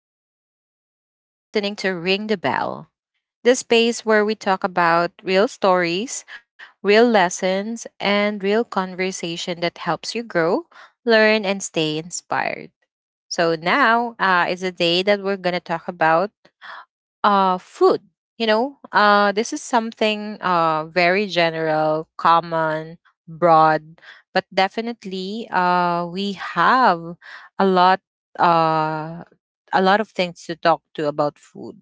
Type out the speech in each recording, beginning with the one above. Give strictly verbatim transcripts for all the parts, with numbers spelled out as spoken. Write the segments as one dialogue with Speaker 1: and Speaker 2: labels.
Speaker 1: Javel, and you're listening to Ring the Bell, the space where we talk about real stories, real lessons, and real conversation that helps you grow, learn, and stay inspired. So now uh, is a day that we're gonna talk about uh food. You know uh this is something uh very general, common, broad, but definitely uh we have a lot, uh a lot of things to talk to about food.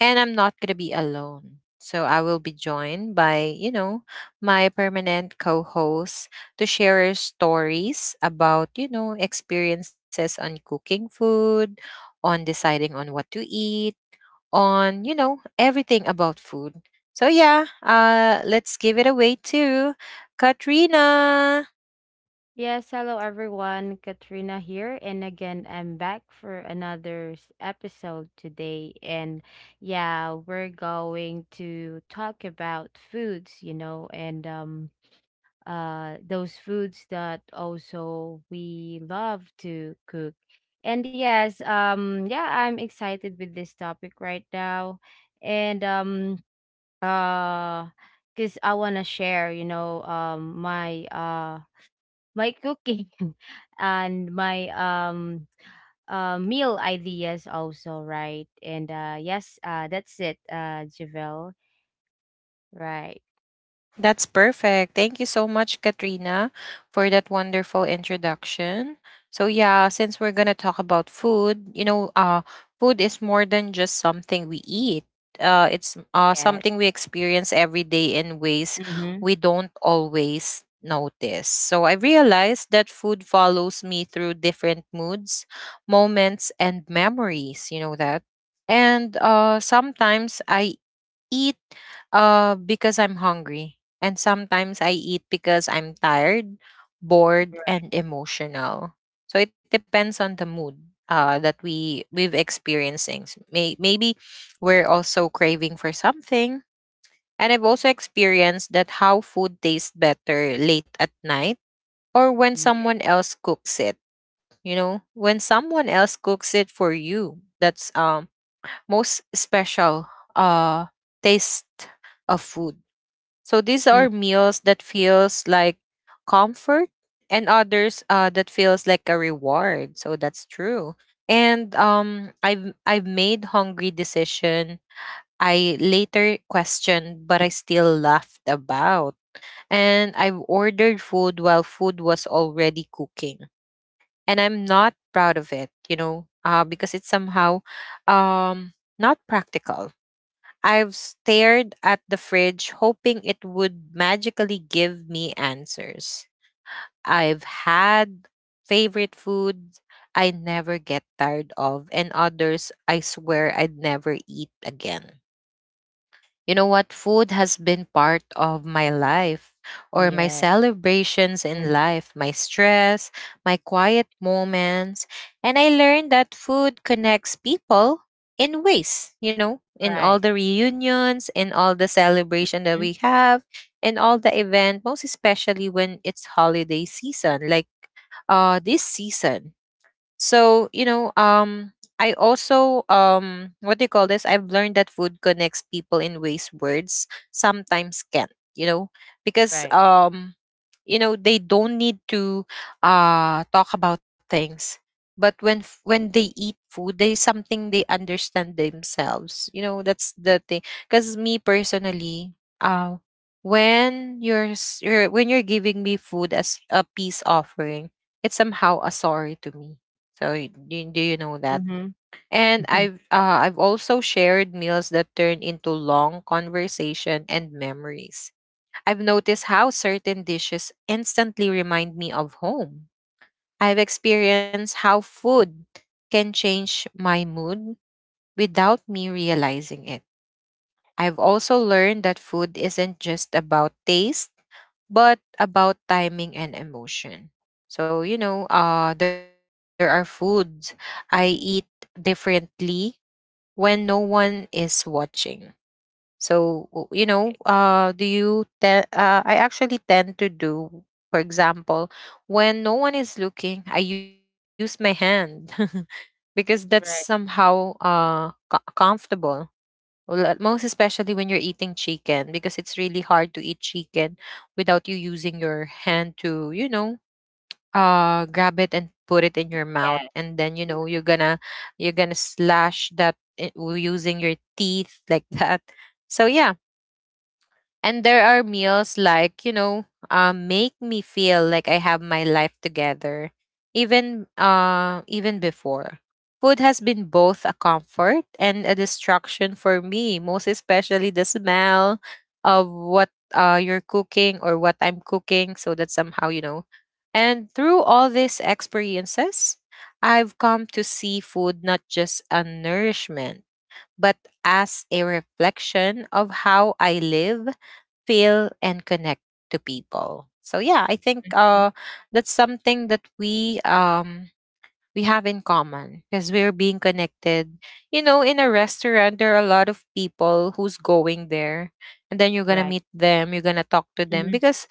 Speaker 1: And I'm not going to be alone, so I will be joined by you know my permanent co-host to share our stories about you know experiences on cooking food, on deciding on what to eat, on, you know, everything about food. So yeah, uh, let's give it away to Katrina.
Speaker 2: Yes, hello everyone. Katrina here, and again, I'm back for another s- episode today. And yeah, we're going to talk about foods, you know, and um uh those foods that also we love to cook. And yes, um yeah, I'm excited with this topic right now. And um uh because I want to share, you know, um my uh my cooking and my um uh, meal ideas also, right? And uh yes, uh that's it, uh Javel, right?
Speaker 1: That's perfect. Thank you so much, Katrina, for that wonderful introduction. So yeah, since we're gonna talk about food, you know, uh, food is more than just something we eat. Uh, it's uh, something
Speaker 2: Yes.
Speaker 1: we experience every day in ways
Speaker 2: Mm-hmm.
Speaker 1: we don't always notice. So I realized that food follows me through different moods, moments, and memories. You know that. And uh, sometimes I eat, uh, because I'm hungry. And sometimes I eat because I'm tired, bored, and
Speaker 2: Right.
Speaker 1: emotional. So it depends on the mood uh, that we we've experiencing. S- May, maybe we're also craving for something. And I've also experienced that how food tastes better late at night or when
Speaker 2: Yeah.
Speaker 1: someone else cooks it. You know, when someone else cooks it for you, that's um most special uh taste of food. So these are
Speaker 2: Mm.
Speaker 1: meals that feels like comfort, and others uh that feels like a reward. So that's true. And um I've I've made hungry decision I later questioned but I still laughed about. And I've ordered food while food was already cooking. And I'm not proud of it, you know, uh, because it's somehow um not practical. I've stared at the fridge hoping it would magically give me answers. I've had favorite foods I never get tired of, and others I swear I'd never eat again. You know what? Food has been part of my life, or my
Speaker 2: Yeah.
Speaker 1: celebrations in
Speaker 2: Mm.
Speaker 1: life, my stress, my quiet moments. And I learned that food connects people in ways, you know, in all
Speaker 2: Right.
Speaker 1: the reunions, in all the celebration that we
Speaker 2: Mm.
Speaker 1: have, in all the event, most especially when it's holiday season, like uh this season. So, you know, um, I also, um, what do you call this? I've learned that food connects people in ways words sometimes can't, you know, because,
Speaker 2: Right.
Speaker 1: um, you know, they don't need to uh, talk about things. But when f- when they eat food, they something they understand themselves. You know, that's the thing. Because me personally, uh, when you're, s- you're when you're giving me food as a peace offering, it's somehow a sorry to me. So y- do, do you know that?
Speaker 2: Mm-hmm.
Speaker 1: And I've uh, I've also shared meals that turn into long conversation and memories. I've noticed how certain dishes instantly remind me of home. I've experienced how food can change my mood without me realizing it. I've also learned that food isn't just about taste, but about timing and emotion. So, you know, uh, there are foods I eat differently when no one is watching. So w- you know, uh, do you? Te- uh, I actually tend to do, for example, when no one is looking, I use my hand because that's
Speaker 2: Right.
Speaker 1: somehow uh co- comfortable. Well, at most especially when you're eating chicken, because it's really hard to eat chicken without you using your hand to, you know, uh grab it and put it in your mouth,
Speaker 2: Yeah.
Speaker 1: and then, you know, you're gonna, you're gonna slash that, i- w- using your teeth like that. So yeah, and there are meals like, you know, um, make me feel like I have my life together, even uh, even before. Food has been both a comfort and a distraction for me, most especially the smell of what uh, you're cooking, or what I'm cooking, so that somehow, you know. And through all these experiences, I've come to see food not just a nourishment, but as a reflection of how I live, feel, and connect to people. So yeah, I think
Speaker 2: Mm.
Speaker 1: uh, that's something that we um, we have in common, because we're being connected. You know, in a restaurant, there are a lot of people who's going there, and then you're gonna
Speaker 2: Right.
Speaker 1: meet them. You're gonna talk to them
Speaker 2: Mm-hmm.
Speaker 1: because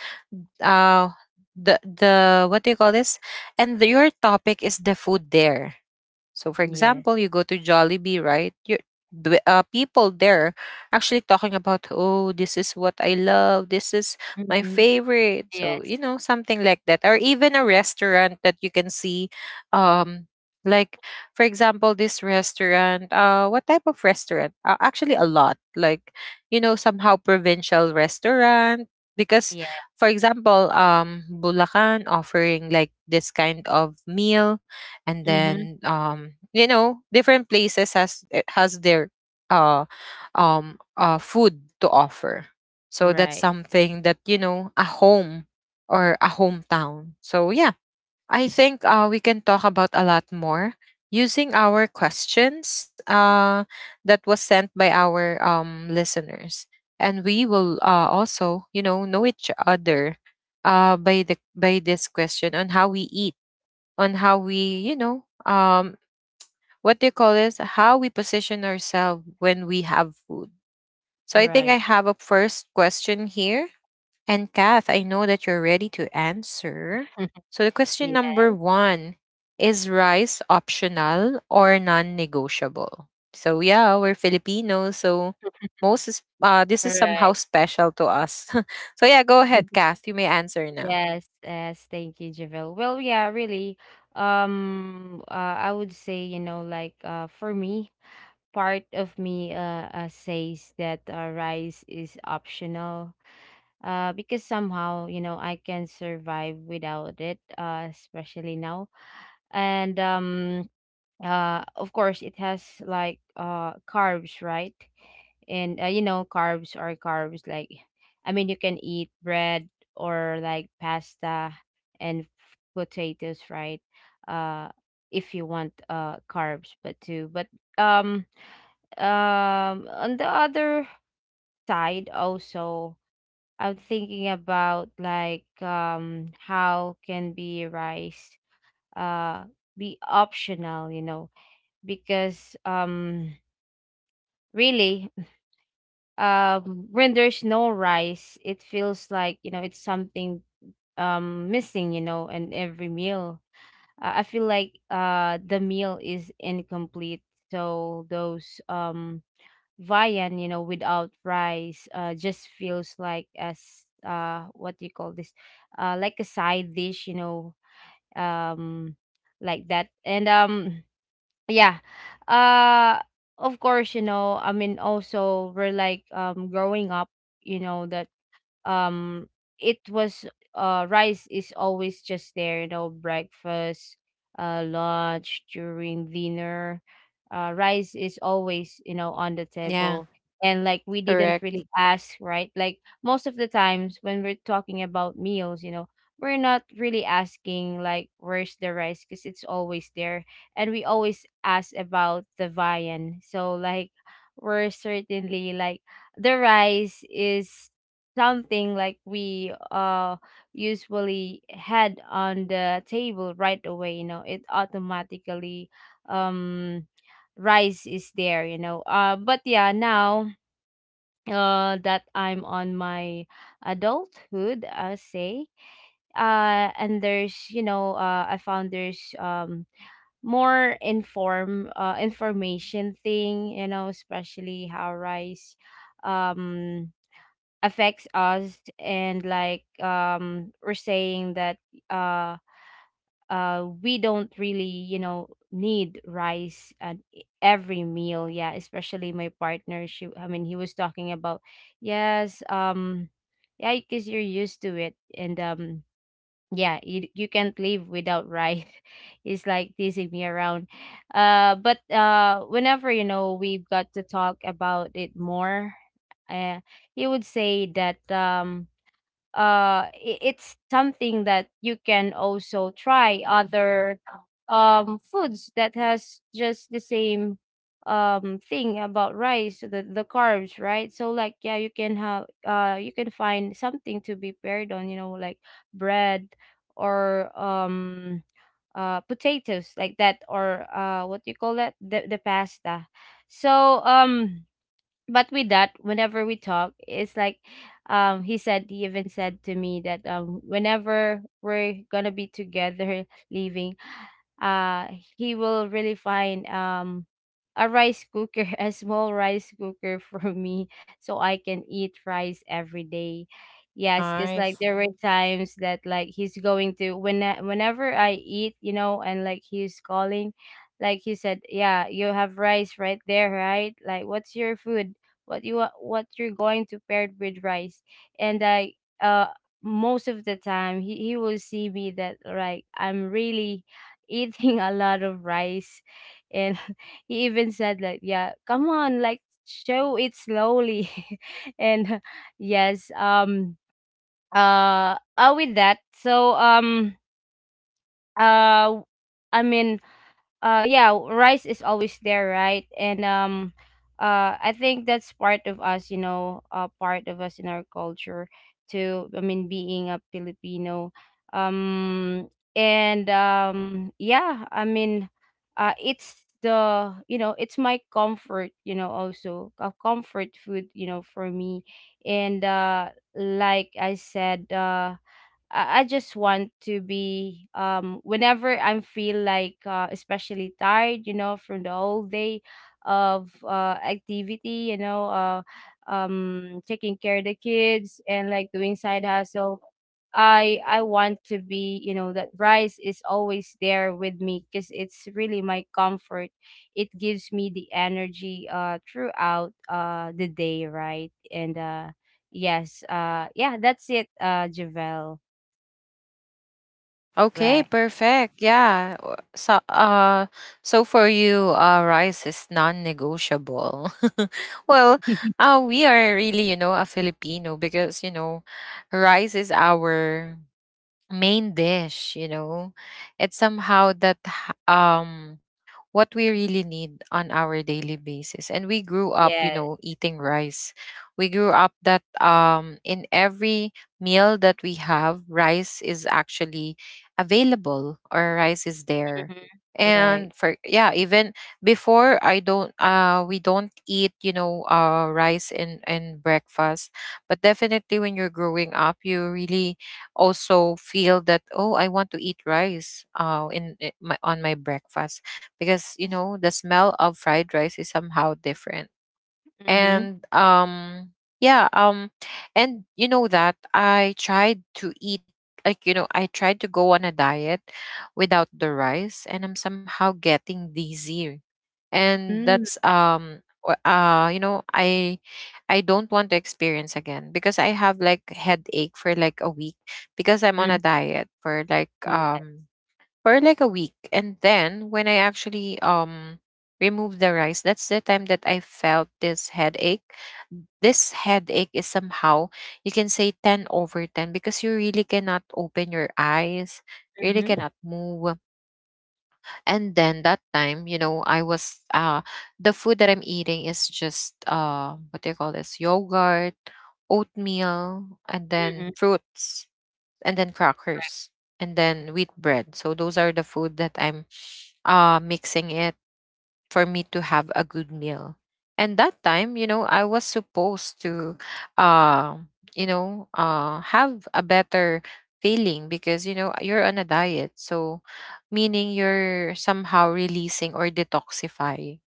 Speaker 1: uh, the the what do you call this? And the, your topic is the food there. So, for
Speaker 2: Yeah.
Speaker 1: example, you go to Jollibee, right? You, the, uh, people there actually talking about, oh, this is what I love. This is my
Speaker 2: Mm-hmm.
Speaker 1: favorite. So,
Speaker 2: Yes.
Speaker 1: you know, something like that. Or even a restaurant that you can see. Um, like, for example, this restaurant, uh, what type of restaurant? Uh, actually, a lot. Like, you know, somehow provincial restaurant. Because,
Speaker 2: Yeah.
Speaker 1: for example, um, Bulacan offering like this kind of meal. And
Speaker 2: Mm-hmm.
Speaker 1: then, um, you know, different places has it, has their uh um uh food to offer. So that's
Speaker 2: Right.
Speaker 1: something that, you know, a home or a hometown. So yeah, I think uh we can talk about a lot more using our questions uh that was sent by our um listeners. And we will uh also, you know know each other uh by the by this question on how we eat, on how we, you know, um, what do you call this? How we position ourselves when we have food. So I think I
Speaker 2: Right.
Speaker 1: have a first question here. And Kath, I know that you're ready to answer. So the question
Speaker 2: Yeah.
Speaker 1: number one is rice optional or non negotiable? So yeah, we're Filipinos, so most is, uh, this is
Speaker 2: Right.
Speaker 1: somehow special to us. So yeah, go ahead, Kath. You may answer now.
Speaker 2: Yes, yes, thank you, Javel. Well, yeah, really. Um, uh, I would say, you know, like uh, for me, part of me uh, uh says that uh, rice is optional. Uh, because somehow, you know, I can survive without it. Uh, especially now, and um, uh, of course, it has like uh carbs, right? And uh, you know, carbs are carbs. Like, I mean, you can eat bread or like pasta and f- potatoes, right? uh if you want uh carbs, but too but um um on the other side also, I'm thinking about like, um how can be rice uh be optional, you know? Because um really, um when there's no rice, it feels like, you know, it's something um missing, you know, in every meal. uh, I feel like uh the meal is incomplete, so those um viand, you know, without rice uh just feels like as, uh what do you call this, uh like a side dish, you know, um like that. And um yeah, uh of course, you know, I mean, also we're like, um growing up, you know, that, um it was, uh rice is always just there, you know. Breakfast, uh lunch, during dinner, uh rice is always, you know, on the
Speaker 1: Yeah,
Speaker 2: table. And like, we didn't
Speaker 1: correct.
Speaker 2: really ask, right? Like, most of the times when we're talking about meals, you know, we're not really asking like, where's the rice, because it's always there. And we always ask about the viand. So like, we're certainly like, the rice is something like we uh usually had on the table right away, you know, it automatically, um rice is there, you know. uh but yeah, now uh that I'm on my adulthood, I say, uh and there's, you know, uh I found there's um more inform uh information thing, you know, especially how rice um affects us. And like, um we're saying that uh uh we don't really, you know, need rice at e- every meal. Yeah, especially my partner, she I mean he was talking about, yes um yeah, because you're used to it. And um yeah, you, you can't live without rice. It's like teasing me around. Uh but uh whenever, you know, we've got to talk about it more, uh he would say that, um uh i- it's something that you can also try other um foods that has just the same um thing about rice. So the the carbs, right? So like, yeah, you can have, uh you can find something to be paired on, you know, like bread, or um uh potatoes like that, or uh what do you call that, the, the pasta. So um but with that, whenever we talk, it's like, um he said he even said to me that, um whenever we're gonna be together leaving, uh he will really find um a rice cooker a small rice cooker for me, so I can eat rice every day. Yes, because like, there
Speaker 1: Nice.
Speaker 2: were times that like he's going to, when whenever I eat, you know, and like he's calling, like, he said, yeah, you have rice right there, right? Like, what's your food, what you wa- what you're going to pair it with rice. And I, uh most of the time, he, he will see me that like, I'm really eating a lot of rice. And he even said like, yeah, come on, like, show it slowly. And yes um uh, uh with that. So um uh I mean, uh yeah, rice is always there, right? And um uh I think that's part of us, you know, uh part of us in our culture, to, I mean, being a Filipino. um and um yeah, I mean, uh it's the, you know, it's my comfort, you know, also a comfort food, you know, for me. And uh like I said, uh I, I just want to be, um whenever I feel like, uh, especially tired, you know, from the whole day of uh activity, you know, uh um taking care of the kids and like doing side hustle. I I want to be, you know, that rice is always there with me, because it's really my comfort. It gives me the energy uh throughout uh the day, right? And uh yes, uh yeah, that's it, uh Javel.
Speaker 1: Okay,
Speaker 2: Right.
Speaker 1: perfect. Yeah. w- So uh so for you uh rice is non-negotiable. Well, uh we are really, you know, a Filipino because, you know, rice is our main dish. You know, it's somehow that h- um what we really need on our daily basis, and we grew up, you
Speaker 2: Yes.
Speaker 1: know, eating rice. We grew up that, um, in every meal that we have, rice is actually available, or rice is there.
Speaker 2: Mhm. Right.
Speaker 1: And for, yeah, even before, I don't uh we don't eat, you know, uh rice in in breakfast. But definitely when you're growing up, you really also feel that, oh, I want to eat rice, uh, in, i- my, on my breakfast, because you know the smell of fried rice is somehow different.
Speaker 2: Mhm.
Speaker 1: And um yeah um and you know that I tried to eat, like, you know, I tried to go on a diet without the rice, and I'm somehow getting dizzy. And
Speaker 2: Mm.
Speaker 1: that's um wh- uh you know, i i don't want to experience again, because I have like headache for like a week, because I'm on a
Speaker 2: Mm.
Speaker 1: diet for like
Speaker 2: Yes.
Speaker 1: um, for like a week. And then when I actually um removed the rice, that's the time that I felt this headache. This headache is somehow, you can say ten over ten, because you really cannot open your eyes, really
Speaker 2: Mhm.
Speaker 1: cannot move. And then that time, you know, I was uh the food that I'm eating is just, uh, what do you call this? Yogurt, oatmeal, and
Speaker 2: Mhm.
Speaker 1: then fruits, and then crackers, and then wheat bread. So those are the food that I'm uh mixing it for me to have a good meal. And that time, you know, I was supposed to, uh, you know, uh have a better feeling, because, you know, you're on a diet. So meaning you're somehow releasing or detoxify.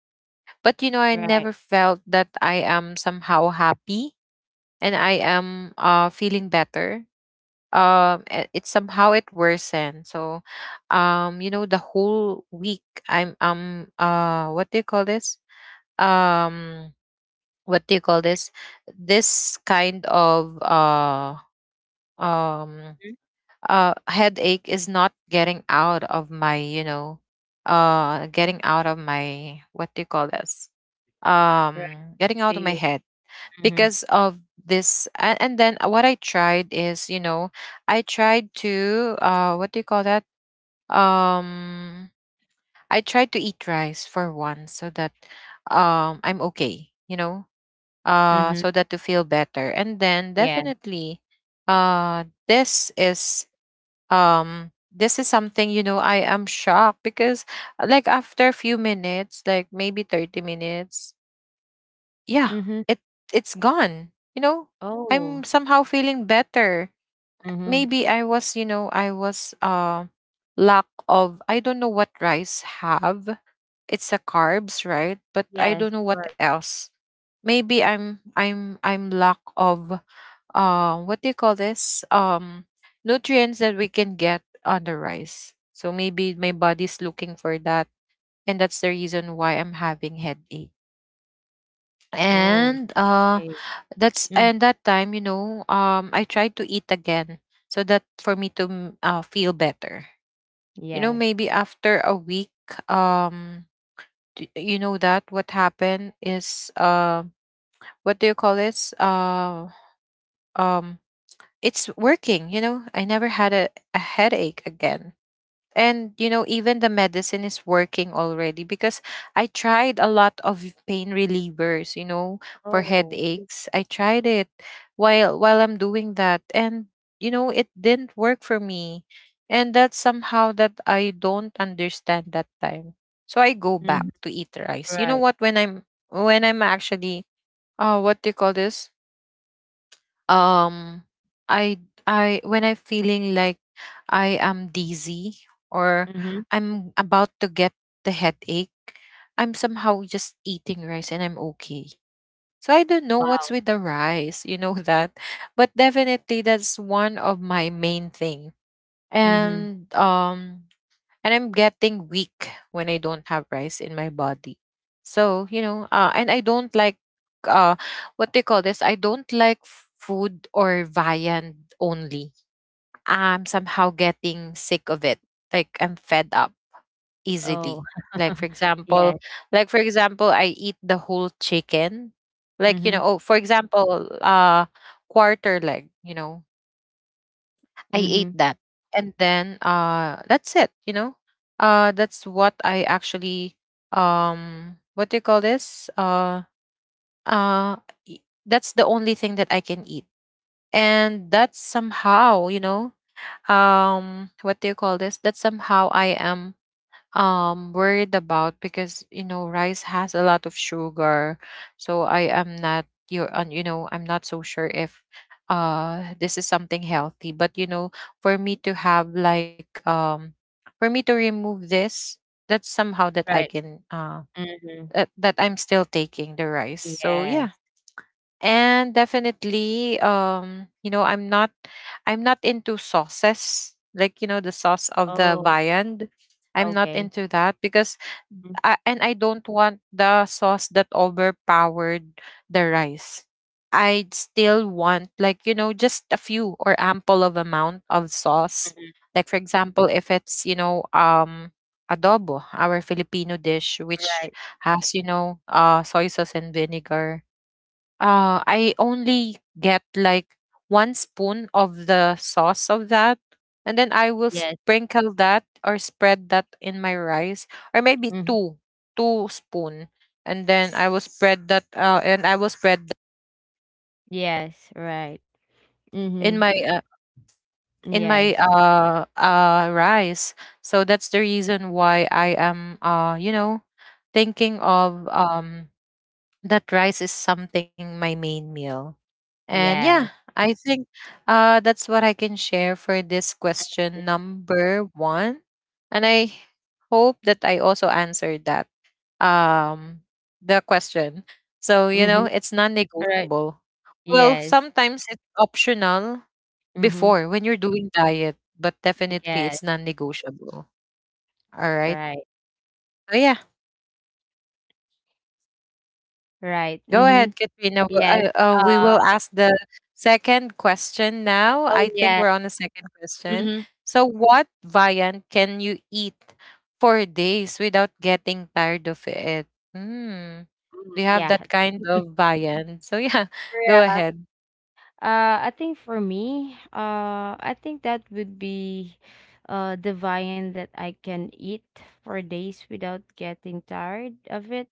Speaker 1: But you know, I
Speaker 2: Right.
Speaker 1: never felt that I am somehow happy and I am uh feeling better. Um eh, it somehow it worsened. So um you know, the whole week I'm um uh what do you call this, um what do you call this, this kind of uh um
Speaker 2: Mhm.
Speaker 1: uh headache is not getting out of my, you know, uh getting out of my, what do you call this,
Speaker 2: Right.
Speaker 1: um, getting
Speaker 2: To
Speaker 1: out of my
Speaker 2: you.
Speaker 1: head
Speaker 2: Mhm.
Speaker 1: because of this. A- and then what I tried is, you know, I tried to, uh, what do you call that, um, I tried to eat rice for once, so that, um, I'm okay, you know, uh
Speaker 2: Mhm.
Speaker 1: so that to feel better. And then
Speaker 2: Yeah.
Speaker 1: definitely uh this is um this is something, you know, I am shocked because, uh, like after a few minutes, like maybe thirty minutes, yeah,
Speaker 2: Mhm.
Speaker 1: it, it's gone. You know, I'm
Speaker 2: Oh.
Speaker 1: somehow feeling better.
Speaker 2: Mhm.
Speaker 1: Maybe I was, you know, I was uh lack of, I don't know what rice have. It's a carbs, right? But I don't
Speaker 2: Yes.
Speaker 1: know what
Speaker 2: Right.
Speaker 1: else. Maybe I'm I'm I'm lack of uh what do you call this? Um nutrients that we can get on the rice. So maybe my body's looking for that, and that's the reason why I'm having headache.
Speaker 2: Oh.
Speaker 1: And um
Speaker 2: Hey.
Speaker 1: that's
Speaker 2: Mm.
Speaker 1: and that time, you know um I tried to eat again so that for me to m- uh, feel better, you know,
Speaker 2: Yes.
Speaker 1: maybe after a week. Um d- you know that what happened is, uh, what do you call this uh um it's working. you know I never had a, a headache again. And you know, even the medicine is working already, because I tried a lot of pain relievers, you know for
Speaker 2: Oh.
Speaker 1: headaches. I tried it while while I'm doing that, and you know, it didn't work for me. And that's somehow that I don't understand that time. So I go back
Speaker 2: Mhm.
Speaker 1: to eat rice, you know
Speaker 2: Right.
Speaker 1: what, when i'm when i'm actually uh what do you call this um I I when I'm feeling like I am dizzy, or
Speaker 2: Mhm.
Speaker 1: I'm about to get the headache, I'm somehow just eating rice and I'm okay. So I don't know
Speaker 2: Wow.
Speaker 1: what's with the rice, you know, that. But definitely that's one of my main thing.
Speaker 2: Mhm.
Speaker 1: And um and I'm getting weak when I don't have rice in my body. So, you know, uh, and I don't like uh what they call this. I don't like f- food or viand only. I'm somehow getting sick of it. Like I'm fed up
Speaker 2: Oh.
Speaker 1: easily. Like for
Speaker 2: Yes.
Speaker 1: example, like for example, I eat the whole chicken. Like, you
Speaker 2: Mhm.
Speaker 1: know, oh, for example, uh quarter leg, you know. I ate
Speaker 2: Mhm.
Speaker 1: that. And then uh that's it, you know? Uh that's what I actually um what do you call this? Uh uh y- that's the only thing that I can eat. And that's somehow, you know, um what do you call this? That somehow I am um worried about, because you know, rice has a lot of sugar. So I am not you and you know, I'm not so sure if uh this is something healthy. But you know, for me to have like um for me to remove this, that's somehow that I
Speaker 2: Right.
Speaker 1: can, uh
Speaker 2: Mhm.
Speaker 1: that, that I'm still taking the rice, so
Speaker 2: Yes.
Speaker 1: yeah. And definitely, um you know, i'm not i'm not into sauces, like you know, the sauce of the
Speaker 2: Oh.
Speaker 1: viand. I'm not
Speaker 2: Okay.
Speaker 1: into that because
Speaker 2: Mm.
Speaker 1: I, and I don't want the sauce that overpowered the rice. I'd still want like, you know, just a few or ample of amount of sauce.
Speaker 2: Mhm.
Speaker 1: Like for example, if it's, you know um adobo, our Filipino dish, which
Speaker 2: Right.
Speaker 1: has, you know, uh soy sauce and vinegar, uh, I only get like one spoon of the sauce of that, and then I will
Speaker 2: Yes.
Speaker 1: sprinkle that or spread that in my rice, or maybe
Speaker 2: Mhm.
Speaker 1: two, two spoon, and then I will spread that. Uh, and I will spread that
Speaker 2: Yes. Right.
Speaker 1: in
Speaker 2: Mhm.
Speaker 1: my uh, in my
Speaker 2: Yes.
Speaker 1: uh uh rice. So that's the reason why I am, uh you know, thinking
Speaker 2: Mm.
Speaker 1: of um that rice is something my main meal. And
Speaker 2: Yes.
Speaker 1: yeah, I think, uh, that's what I can share for this question number one. And I hope that I also answered that, um, the question. So you know,
Speaker 2: Mhm.
Speaker 1: it's
Speaker 2: Right.
Speaker 1: non-negotiable. Well,
Speaker 2: Yes.
Speaker 1: sometimes it's optional
Speaker 2: Mhm.
Speaker 1: before when you're doing diet, but definitely
Speaker 2: Yes.
Speaker 1: it's non-negotiable. All right.
Speaker 2: Right.
Speaker 1: So yeah.
Speaker 2: Right.
Speaker 1: Go
Speaker 2: Mhm.
Speaker 1: ahead, Katrina. W-
Speaker 2: Yes.
Speaker 1: I- uh, we
Speaker 2: Uh,
Speaker 1: will ask the second question now.
Speaker 2: oh,
Speaker 1: I think
Speaker 2: yes.
Speaker 1: we're on the second question.
Speaker 2: Mhm.
Speaker 1: So, what viand can you eat for days without getting tired of it? Hmm. Do
Speaker 2: Mhm.
Speaker 1: you have
Speaker 2: Yeah.
Speaker 1: that kind of viand? So, yeah, go
Speaker 2: Yeah.
Speaker 1: ahead.
Speaker 2: Uh, I think for me, uh, I think that would be uh, the viand that I can eat for days without getting tired of it.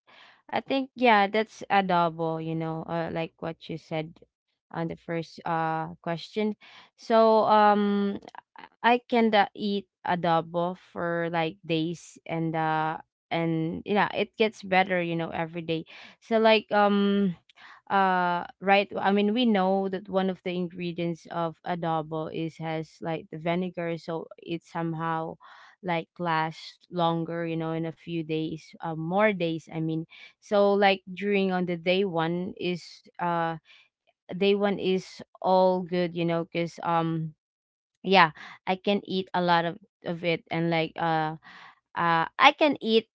Speaker 2: I think, yeah, that's adobo, you know, uh, like what you said on the first uh, question. So um, I can uh, eat adobo for like days, and uh, and yeah, it gets better, you know, every day. So like um uh right, I mean, we know that one of the ingredients of adobo is, has like the vinegar, so it somehow like lasts longer, you know, in a few days, uh, more days, I mean. So like, during, on the day one is uh day one is all good, you know, because um yeah, I can eat a lot of of it. And like uh uh, I can eat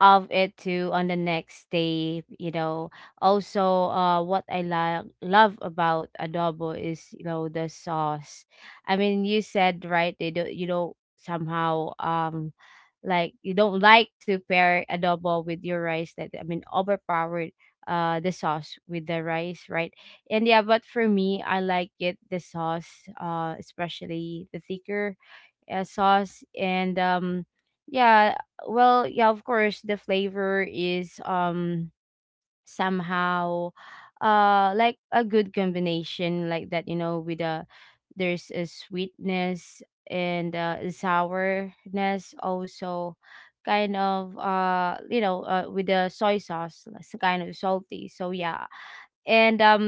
Speaker 2: of it to, on the next day, you know. Also, uh, what I lo- love about adobo is, you know, the sauce. I mean, you said, right, they don't, you know, somehow, um, like, you don't like to pair adobo with your rice. That, I mean, overpowered, uh, the sauce with the rice, right? And yeah, but for me, I like it, the sauce, uh, especially the thicker uh, sauce. And um yeah, well, yeah, of course, the flavor is um somehow uh like a good combination like that, you know, with a, there's a sweetness, and uh, sourness also, kind of, uh you know, uh, with the soy sauce, it's kind of salty. So yeah. And um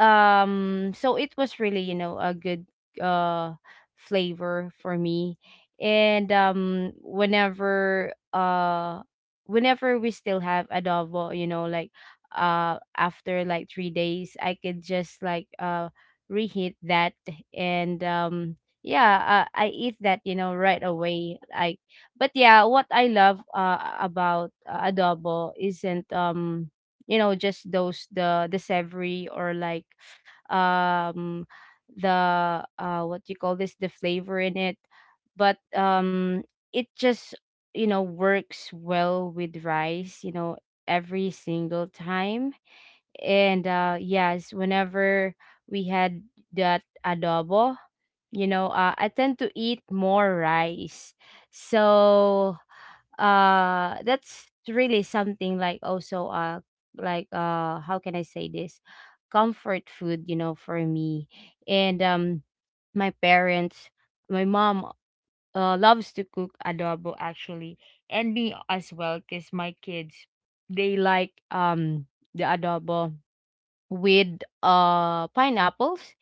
Speaker 2: um so it was really, you know, a good uh flavor for me. And um whenever uh whenever we still have adobo, you know, like uh after like three days, I could just like uh reheat that. And um yeah, uh, I eat that, you know, right away, like. But yeah, what I love uh about uh, adobo isn't um you know, just those, the the savory, or like, um the uh what do you call this, the flavor in it. But um it just, you know, works well with rice, you know, every single time. And uh yes, whenever we had that adobo, you know, uh, I tend to eat more rice. So uh that's really something like also uh like uh how can I say this, comfort food, you know, for me. And um my parents, my mom uh, loves to cook adobo, actually. And me as well, because my kids, they like um the adobo with uh pineapples.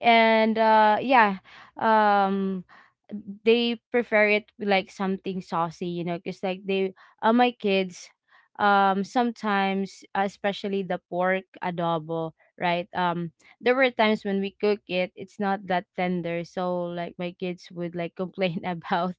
Speaker 2: And uh yeah, um they prefer it with like something saucy, you know, because like they, uh, my kids, um sometimes uh, especially the pork adobo, right? um there were times when we cook it, it's not that tender. So like my kids would like complain about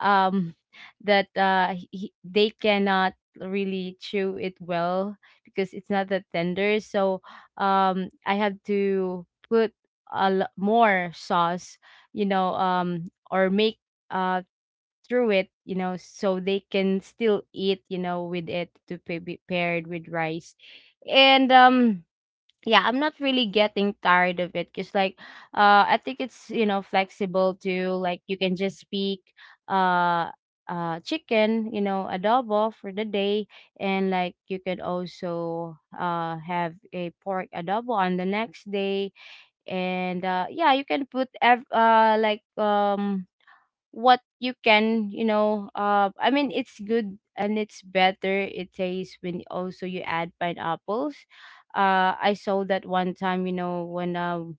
Speaker 2: um that uh he, they cannot really chew it well, because it's not that tender. So um I have to put a l- more sauce, you know, um or make uh through it, you know, so they can still eat, you know, with it, to be paired with rice. And um yeah, I'm not really getting tired of it, because like, uh I think it's, you know, flexible too. Like, you can just speak uh uh chicken, you know, adobo for the day, and like, you could also uh have a pork adobo on the next day. And uh yeah, you can put ev- uh like um what you can, you know, uh I mean, it's good and it's better, it tastes, when also you add pineapples. uh I saw that one time, you know, when um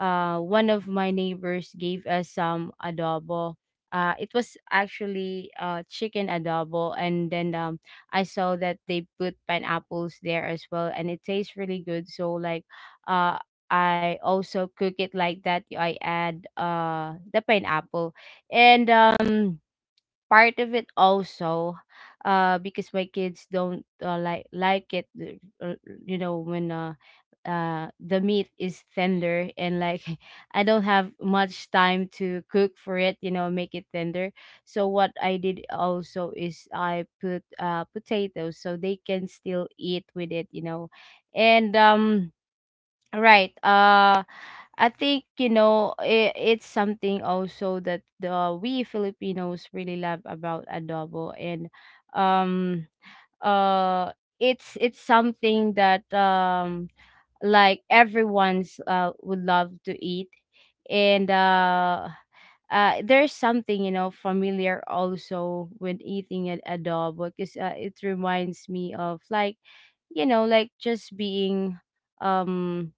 Speaker 2: uh One of my neighbors gave us some adobo. Uh it was actually uh chicken adobo, and then um I saw that they put pineapples there as well, and it tastes really good. So like uh I also cook it like that. I add uh the pineapple and um part of it also, uh because my kids don't uh, like like it uh, uh, you know, when uh uh the meat is tender, and like I don't have much time to cook for it, you know, make it tender. So what I did also is I put uh potatoes so they can still eat with it, you know. And um right, uh I think, you know I it's something also that the we Filipinos really love about adobo. And um uh it's it's something that um like everyone's uh would love to eat. And uh uh, There's something, you know, familiar also when eating an adobo, because uh, it reminds me of like, you know, like just being um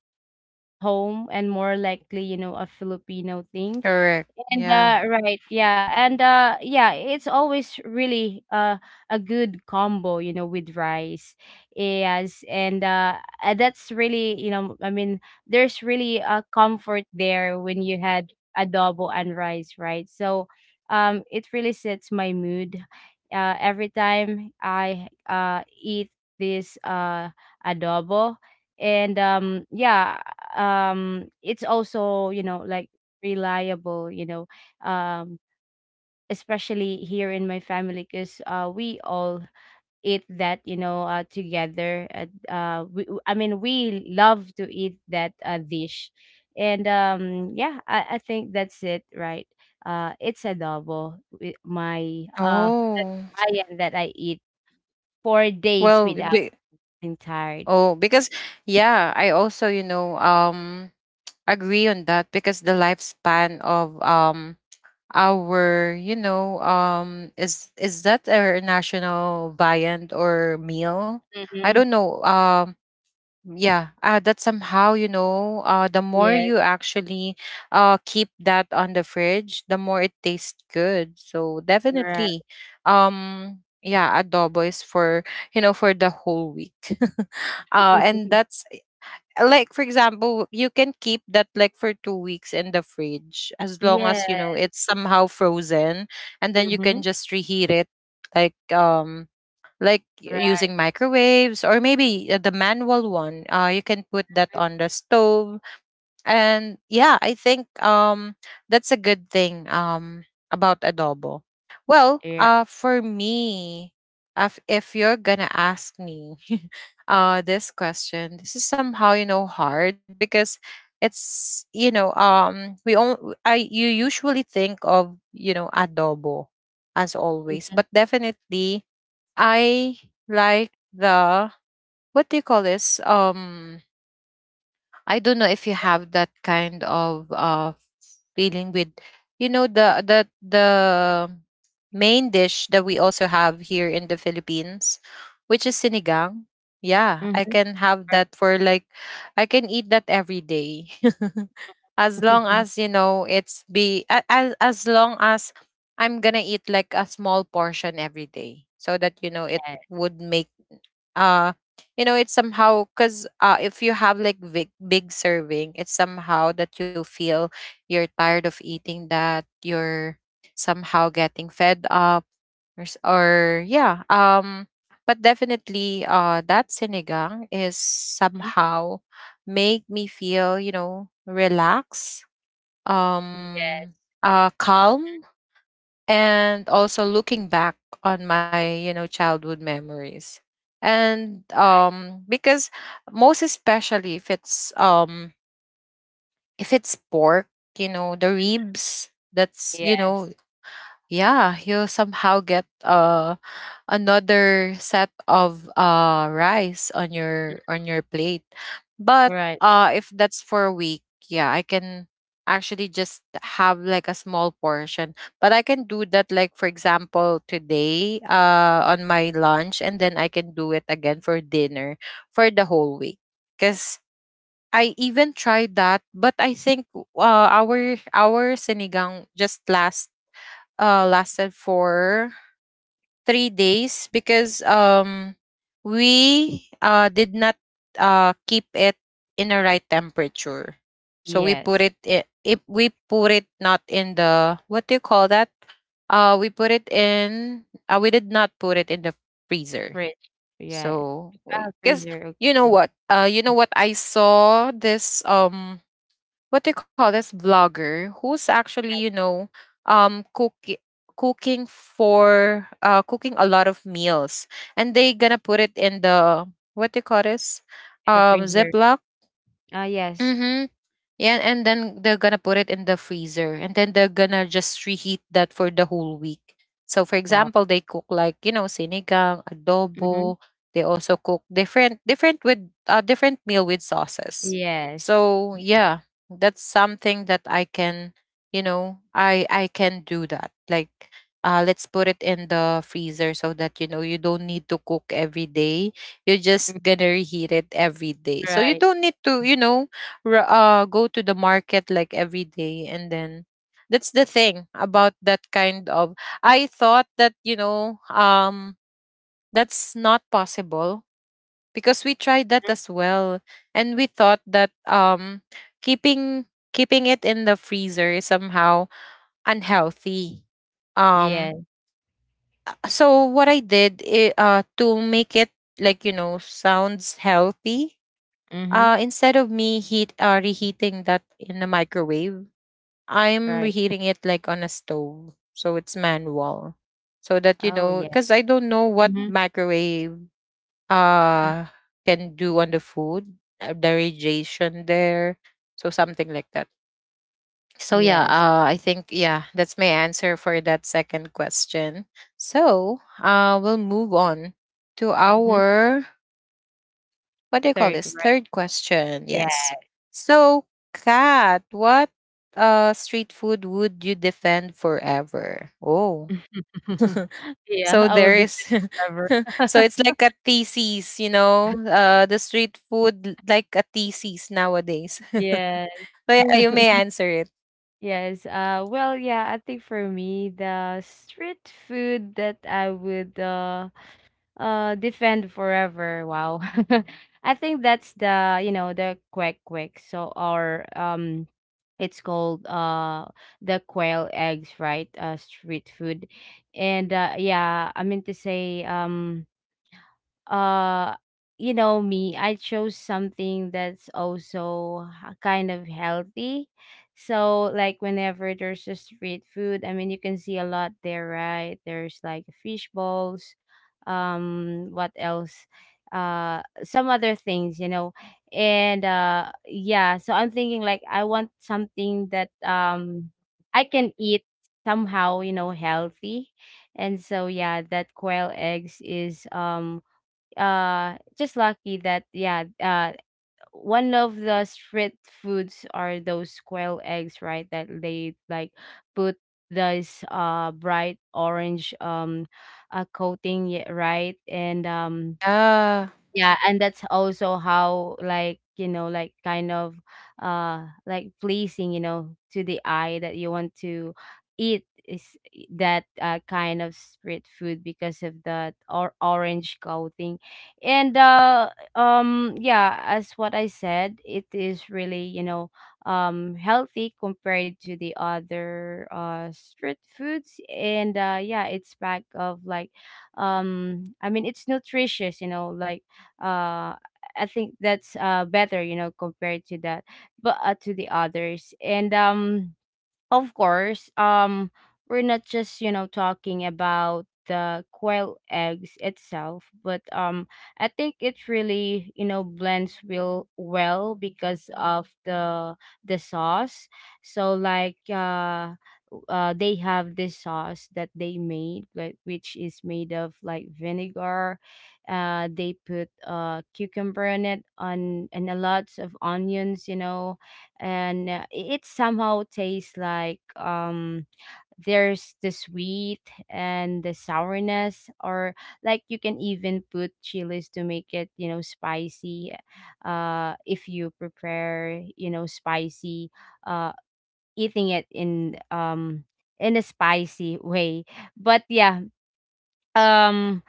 Speaker 2: home, and more likely, you know, a Filipino thing.
Speaker 1: Correct.
Speaker 2: And
Speaker 1: Yeah.
Speaker 2: uh, right, yeah, and uh, yeah, It's always really uh, a good combo, you know, with rice. Yes, and uh, uh, that's really, you know, I mean, there's really a comfort there when you had adobo and rice, right? So, um, it really sets my mood. Uh, every time I uh eat this uh adobo. and um, yeah, um, it's also, you know, like reliable, you know, um especially here in my family, because uh we all eat that, you know, uh together. At, uh we, i mean, we love to eat that uh, dish. And um Yeah, I, I think that's it, right? Uh it's adobo with my uh that
Speaker 1: Oh.
Speaker 2: Hawaiian that I eat four days
Speaker 1: Well,
Speaker 2: without
Speaker 1: be,
Speaker 2: being tired.
Speaker 1: oh, because, yeah, I also, you know, um, agree on that, because the lifespan of, um our, you know, um is is that our national viand or meal, I
Speaker 2: Mm-hmm.
Speaker 1: don't know. Um yeah, uh, that somehow, you know, uh the more
Speaker 2: Yes.
Speaker 1: you actually uh keep that on the fridge, the more it tastes good. So
Speaker 2: Right.
Speaker 1: definitely, um yeah, adobo is for, you know, for the whole week. Uh and that's, like for example, you can keep that like for two weeks in the fridge, as long
Speaker 2: Yeah.
Speaker 1: as you know, it's somehow frozen, and then you
Speaker 2: Mm-hmm.
Speaker 1: can just reheat it, like um like y-
Speaker 2: Right.
Speaker 1: using microwaves, or maybe, uh, the manual one, uh you can put that on the stove. And yeah, I think, um that's a good thing, um about adobo. Well,
Speaker 2: Yeah.
Speaker 1: uh for me, if, if you're gonna ask me, uh this question, this is somehow, you know, hard, because it's, you know, um we all, I you usually think of, you know, adobo as always. But definitely I like the, what do you call this? Um I don't know if you have that kind of uh feeling with, you know, the the the main dish that we also have here in the Philippines, which is sinigang. Yeah, I
Speaker 2: Mm-hmm.
Speaker 1: can have that for like, I can eat that every day. As long as, you know, it's be a- as as long as I'm gonna eat like a small portion every day, so that, you know, it
Speaker 2: Yes.
Speaker 1: would make, uh you know, it's somehow, because, uh, if you have like big, big serving, it's somehow that you feel you're tired of eating that, you're somehow getting fed up, or, s- or yeah, um but definitely, uh that sinigang is
Speaker 2: Mhm.
Speaker 1: somehow make me feel, you know, relaxed,
Speaker 2: Yes.
Speaker 1: um uh calm, and also looking back on my, you know, childhood memories. And um because most especially if it's, um if it's pork, you know, the ribs, that's, you know,
Speaker 2: Yes.
Speaker 1: yeah, you somehow get, uh another set of uh rice on your, on your plate. But
Speaker 2: Right.
Speaker 1: uh if that's for a week, yeah, I can actually just have like a small portion. But I can do that, like for example today, uh on my lunch, and then I can do it again for dinner for the whole week. Cause I even tried that, but I think, uh, our our sinigang just last uh lasted for three days, because um we uh did not uh keep it in a right temperature. So we put
Speaker 2: Yes.
Speaker 1: it, i- if we put it not in the, what do you call that? Uh we put it in, uh, we did not put it in the freezer.
Speaker 2: Fridge. Yeah.
Speaker 1: So
Speaker 2: Ah,
Speaker 1: because
Speaker 2: freezer.
Speaker 1: you know
Speaker 2: Okay.
Speaker 1: what? Uh you know what, I saw this, um what they call this, vlogger who's actually, you know, um cook cooking for, uh cooking a lot of meals, and they gonna put it in the, what they call this,
Speaker 2: In the
Speaker 1: um
Speaker 2: freezer.
Speaker 1: ziploc.
Speaker 2: Ah, yes.
Speaker 1: Mm-hmm. Yeah, and then they're gonna put it in the freezer, and then they're gonna just reheat that for the whole week. So, for
Speaker 2: Wow.
Speaker 1: example, they cook like, you know, sinigang,
Speaker 2: Mm-hmm.
Speaker 1: adobo. They also cook different, different with, uh, different meal with sauces.
Speaker 2: Yes.
Speaker 1: So yeah, that's something that I can, you know, I I can do that. Like, uh, let's put it in the freezer, so that you know, you don't need to cook every day, you're
Speaker 2: Mm,
Speaker 1: just gonna reheat it every day. So you
Speaker 2: Right.
Speaker 1: don't need to, you know, r- uh, go to the market like every day, and then that's the thing about that kind of. I thought that, you know, um that's not possible, because we tried that as well, and we thought that, um keeping, keeping it in the freezer is somehow unhealthy. um
Speaker 2: Yes.
Speaker 1: so what I did, i- uh to make it like, you know, sounds healthy,
Speaker 2: Mm-hmm.
Speaker 1: uh instead of me heat uh, reheating that in the microwave, I'm
Speaker 2: Right.
Speaker 1: reheating it like on a stove. So it's manual. So that you
Speaker 2: Oh,
Speaker 1: know,
Speaker 2: yeah.
Speaker 1: because I don't know what
Speaker 2: Mm-hmm.
Speaker 1: microwave uh can do on the food, uh, the radiation there. So something like that. So yeah,
Speaker 2: Yes.
Speaker 1: uh, I think yeah, that's my answer for that second question. So uh, we'll move on to
Speaker 2: Mm-hmm.
Speaker 1: our, what do you call
Speaker 2: Third.
Speaker 1: this?
Speaker 2: Right.
Speaker 1: Third question.
Speaker 2: Yeah.
Speaker 1: Yes. So, Kat, what uh street food would you defend forever? Oh,
Speaker 2: Yeah.
Speaker 1: so
Speaker 2: I will
Speaker 1: there
Speaker 2: live
Speaker 1: is.
Speaker 2: forever.
Speaker 1: So it's like a thesis, you know, uh, the street food l- like a thesis nowadays. So
Speaker 2: Yeah.
Speaker 1: yeah, you may answer it.
Speaker 2: Yes. Uh. Well. Yeah, I think for me, the street food that I would uh Uh, defend forever. Wow. I think that's the, you know, the quack quack. So or um it's called uh the quail eggs, right? Uh street food. And uh yeah, I mean to say um uh you know, me, I chose something that's also h- kind of healthy. So like, whenever there's a street food, I mean, you can see a lot there, right? There's like fish balls, um what else, uh some other things, you know. And uh yeah, so I'm thinking, like, I want something that um I can eat, somehow, you know, healthy. And so yeah, that quail eggs is um uh just lucky that, yeah, uh one of the street foods are those quail eggs, right, that they like put this uh bright orange um uh coating, yeah, right. and um
Speaker 1: Ah,
Speaker 2: Yeah, and that's also how, like, you know, like kind of uh like pleasing, you know, to the eye, that you want to eat is e, that uh, kind of street food because of that or orange coating. And uh um yeah, as what I said, it is really, you know, um healthy compared to the other uh street foods. And uh yeah, it's pack of like, um I mean, it's nutritious, you know, like, uh I think that's uh better, you know, compared to that, but uh, to the others. And um, of course, um, we're not just, you know, talking about the quail eggs itself, but um, I think it really, you know, blends real well because of the the sauce. So like, uh, w- uh they have this sauce that they made, like, which is made of like vinegar. Uh, they put uh cucumber in it on, and a lots of onions, you know. And uh, it it somehow tastes like, um there's the sweet and the sourness, or like you can even put chilies to make it, you know, spicy, uh if you prepare, you know, spicy uh eating it in um in a spicy way. But yeah um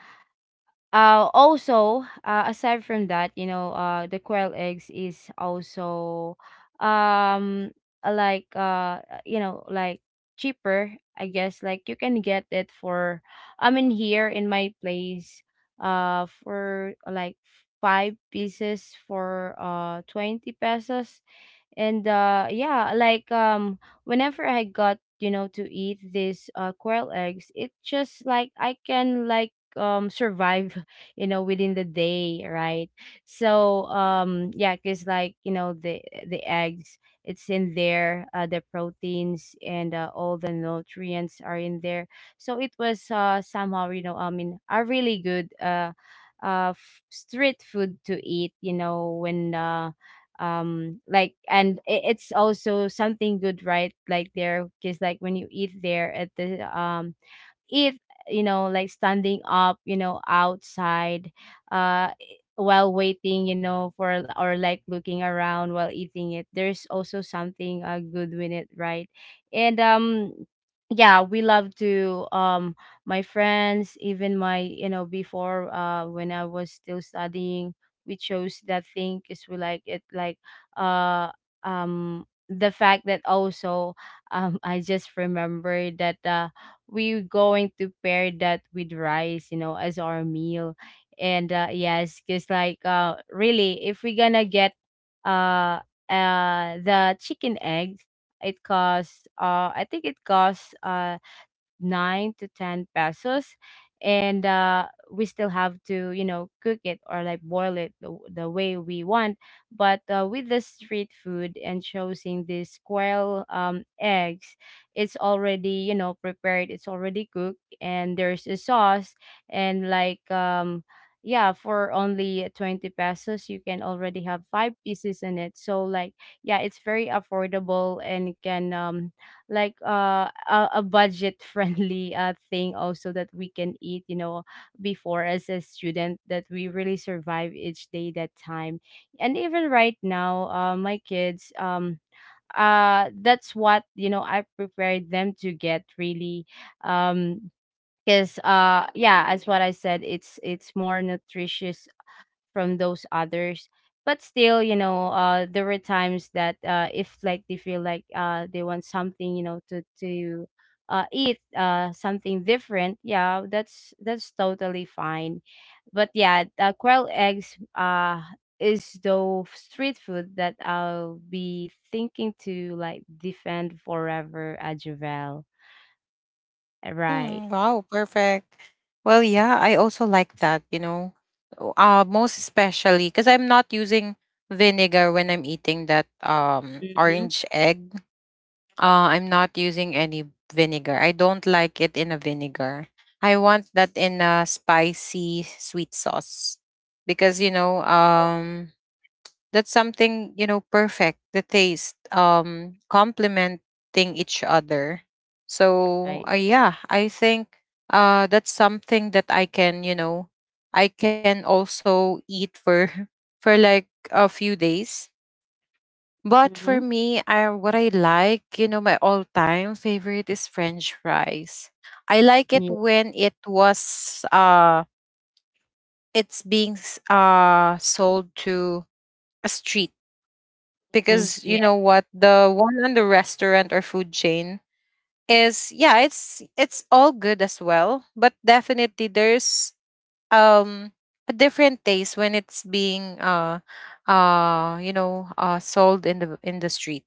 Speaker 2: uh, also, uh, aside from that, you know, uh, the quail eggs is also, um, like uh, you know, like cheaper. I guess like you can get it for, I mean, here in my place, uh, for like five pieces for uh twenty pesos. And uh yeah, like um whenever I got, you know, to eat these uh quail eggs, it just like I can like um survive you know, within the day, right? So um yeah, because like, you know, the the eggs, it's in there, uh, the proteins, and uh, all the nutrients are in there. So it was uh somehow, you know, I mean, a really good uh uh f- street food to eat, you know, when uh um like, and i- it's also something good, right, like, there, because like when you eat there at the um eat, you know, like standing up, you know, outside, uh while waiting, you know, for or like looking around while eating it, there's also something uh, good with it, right? and um Yeah, we love to um my friends, even my, you know, before, uh when I was still studying, we chose that thing because we like it like, uh um the fact that also um I just remembered that uh we're going to pair that with rice, you know, as our meal. And uh, yes, because like, uh, really, if we're gonna get uh uh the chicken eggs, it costs uh I think it costs uh nine to ten pesos. And uh, we still have to, you know, cook it or like boil it the, the way we want. But uh, with the street food, and choosing these squirrel um, eggs, it's already, you know, prepared. It's already cooked, and there's a sauce. And like, um yeah, for only twenty pesos you can already have five pieces in it. So like, yeah, it's very affordable, and can um like uh, a, a budget friendly uh, thing also that we can eat, you know, before as a student, that we really survive each day that time. And even right now, uh, my kids, um uh that's what, you know, I prepared them to get really um because uh yeah, as what I said, it's it's more nutritious from those others. But still, you know, uh there were times that, uh if like they feel like uh they want something, you know, to to uh eat uh something different, yeah, that's that's totally fine. But yeah, uh, quail eggs uh is the street food that I'll be thinking to like defend forever at Javel. Right.
Speaker 1: mm, wow, perfect. Well, yeah, I also like that, you know. O- Uh most especially because I'm not using vinegar when I'm eating that um
Speaker 2: Mm-hmm.
Speaker 1: orange egg. Uh I'm not using any vinegar. I don't like it in a vinegar. I want that in a spicy sweet sauce because you know, um that's something you know perfect the taste um complementing each other so
Speaker 2: Right.
Speaker 1: uh, yeah, I think uh that's something that i can you know i can also eat for for like a few days. But
Speaker 2: Mm-hmm.
Speaker 1: for me, I what I like you know my all-time favorite is french fries. I like
Speaker 2: Yeah.
Speaker 1: it when it was uh it's being s- uh sold to a street,
Speaker 2: Mhm.
Speaker 1: because
Speaker 2: Yeah.
Speaker 1: you know what, the one on the restaurant or food chain is, yeah, it's it's all good as well, but definitely there's um a different taste when it's being uh uh you know uh sold in the in the street.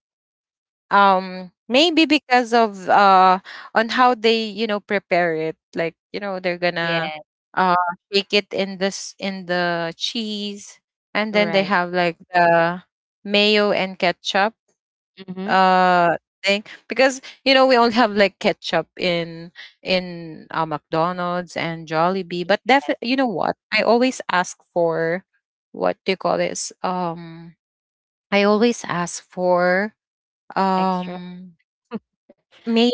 Speaker 1: Um maybe because of uh on how they you know prepare it. Like, you know, they're gonna
Speaker 2: Yeah.
Speaker 1: uh shake it in this in the cheese, and then they
Speaker 2: Right.
Speaker 1: have like the mayo and ketchup
Speaker 2: Mm-hmm.
Speaker 1: uh thing, because you know we all have like ketchup in in uh, McDonald's and Jollibee. But definitely, you know what, I always ask for, what do you call this, um I always ask for
Speaker 2: Extra?
Speaker 1: um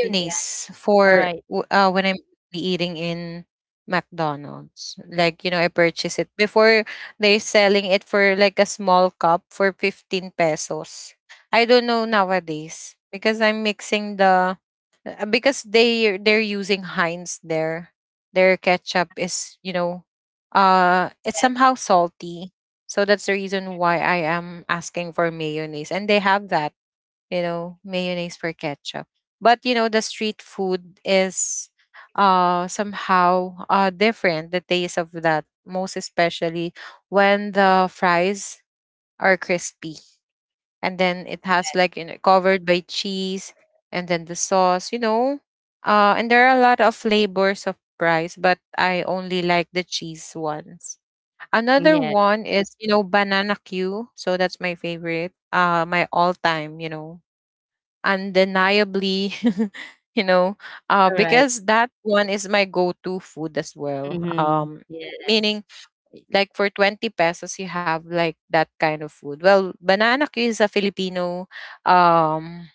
Speaker 2: Yeah.
Speaker 1: for
Speaker 2: Alright.
Speaker 1: w- uh, when I'm be eating in McDonald's.
Speaker 2: Mm,
Speaker 1: Like, you know, I purchase it before. They're selling it for like a small cup for fifteen pesos. I don't know nowadays, because I'm mixing the uh, because they they're using Heinz there. Their ketchup is, you know, uh it's somehow salty. So that's the reason why I am asking for mayonnaise, and they have that, you know, mayonnaise for ketchup. But you know, the street food is uh somehow uh different, the taste of that, most especially when the fries are crispy and then it has like, you know, covered by cheese, and then the sauce, you know. Uh and there are a lot of flavors of fries, but I only like the cheese ones. Another
Speaker 2: yeah. Yes,
Speaker 1: one is, you know, banana Q. So that's my favorite, uh my all time, you know, undeniably, you know, uh,
Speaker 2: alright.
Speaker 1: because that one is my go-to food as well.
Speaker 2: Mhm.
Speaker 1: Um
Speaker 2: Yes.
Speaker 1: meaning, like for twenty pesos, you have like that kind of food. Well, banana Q is a Filipino um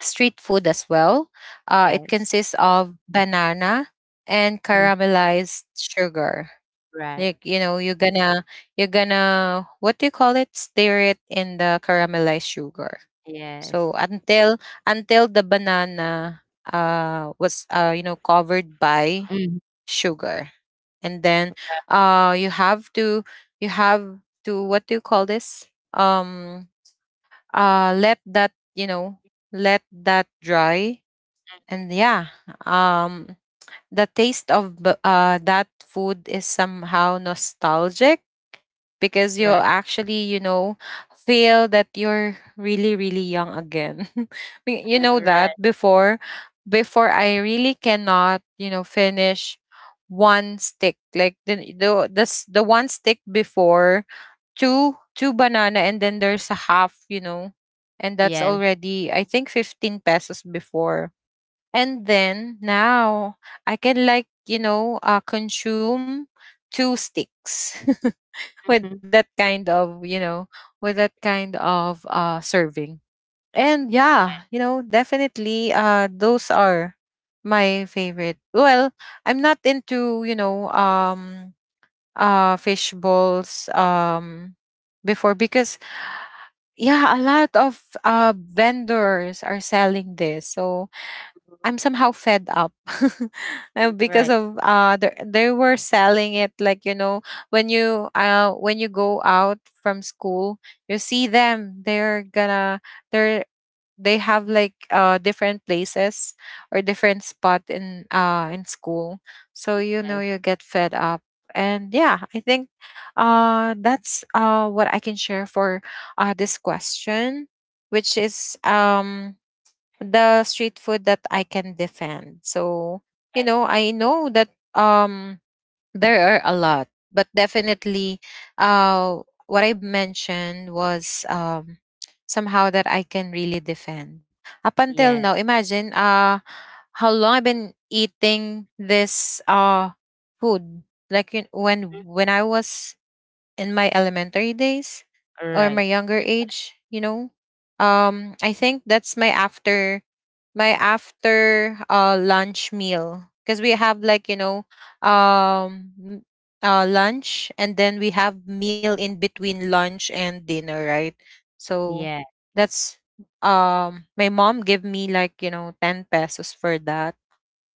Speaker 1: street food as well. Uh it
Speaker 2: Yes.
Speaker 1: consists of banana and
Speaker 2: Mm,
Speaker 1: caramelized sugar.
Speaker 2: right.
Speaker 1: Like, you know, you're gonna, you're gonna what do you call it, stir it in the caramelized sugar.
Speaker 2: Yes.
Speaker 1: So until until the banana uh was uh you know, covered by
Speaker 2: Mm,
Speaker 1: sugar. And then uh you have to, you have to what do you call this? Um uh let that, you know, let that dry. And yeah, um the taste of b- uh that food is somehow nostalgic, because you'll
Speaker 2: right.
Speaker 1: actually, you know, feel that you're really, really young again. Y-
Speaker 2: Uh,
Speaker 1: you know that
Speaker 2: right.
Speaker 1: before, before I really cannot, you know, finish one stick, like the the the, s- the one stick before, two two banana and then there's a half, you know, and that's
Speaker 2: Yes.
Speaker 1: already, I think, fifteen pesos before. And then now I can, like, you know, uh consume two sticks with that
Speaker 2: Mhm.
Speaker 1: kind of, you know, with that kind of uh serving. And yeah,
Speaker 2: Right.
Speaker 1: you know, definitely uh those are my favorite. Well, I'm not into, you know, um uh fish balls, um before, because yeah, a lot of uh vendors are selling this, so
Speaker 2: Mhm.
Speaker 1: I'm somehow fed up. Uh, because
Speaker 2: Right.
Speaker 1: of uh they they were selling it, like, you know, when you uh when you go out from school, you see them. They're gonna, they're, they have like uh different places or different spot in uh in school, so you know
Speaker 2: Yes.
Speaker 1: you get fed up. And yeah, I think uh that's uh what I can share for uh this question, which is, um the street food that I can defend. So, you
Speaker 2: Right.
Speaker 1: know, I know that, um there are a lot, but definitely uh what I mentioned was um somehow that I can really defend. Up until
Speaker 2: Yeah.
Speaker 1: now, imagine uh how long I've been eating this uh food. Like, you-
Speaker 2: Mm,
Speaker 1: when when I was in my elementary days or my
Speaker 2: alright.
Speaker 1: younger age, you know. Um I think that's my after, my after uh lunch meal, because we have like, you know, um m- uh lunch, and then we have meal in between lunch and dinner, right? So
Speaker 2: Yeah.
Speaker 1: that's, um my mom gave me like, you know, ten pesos for that,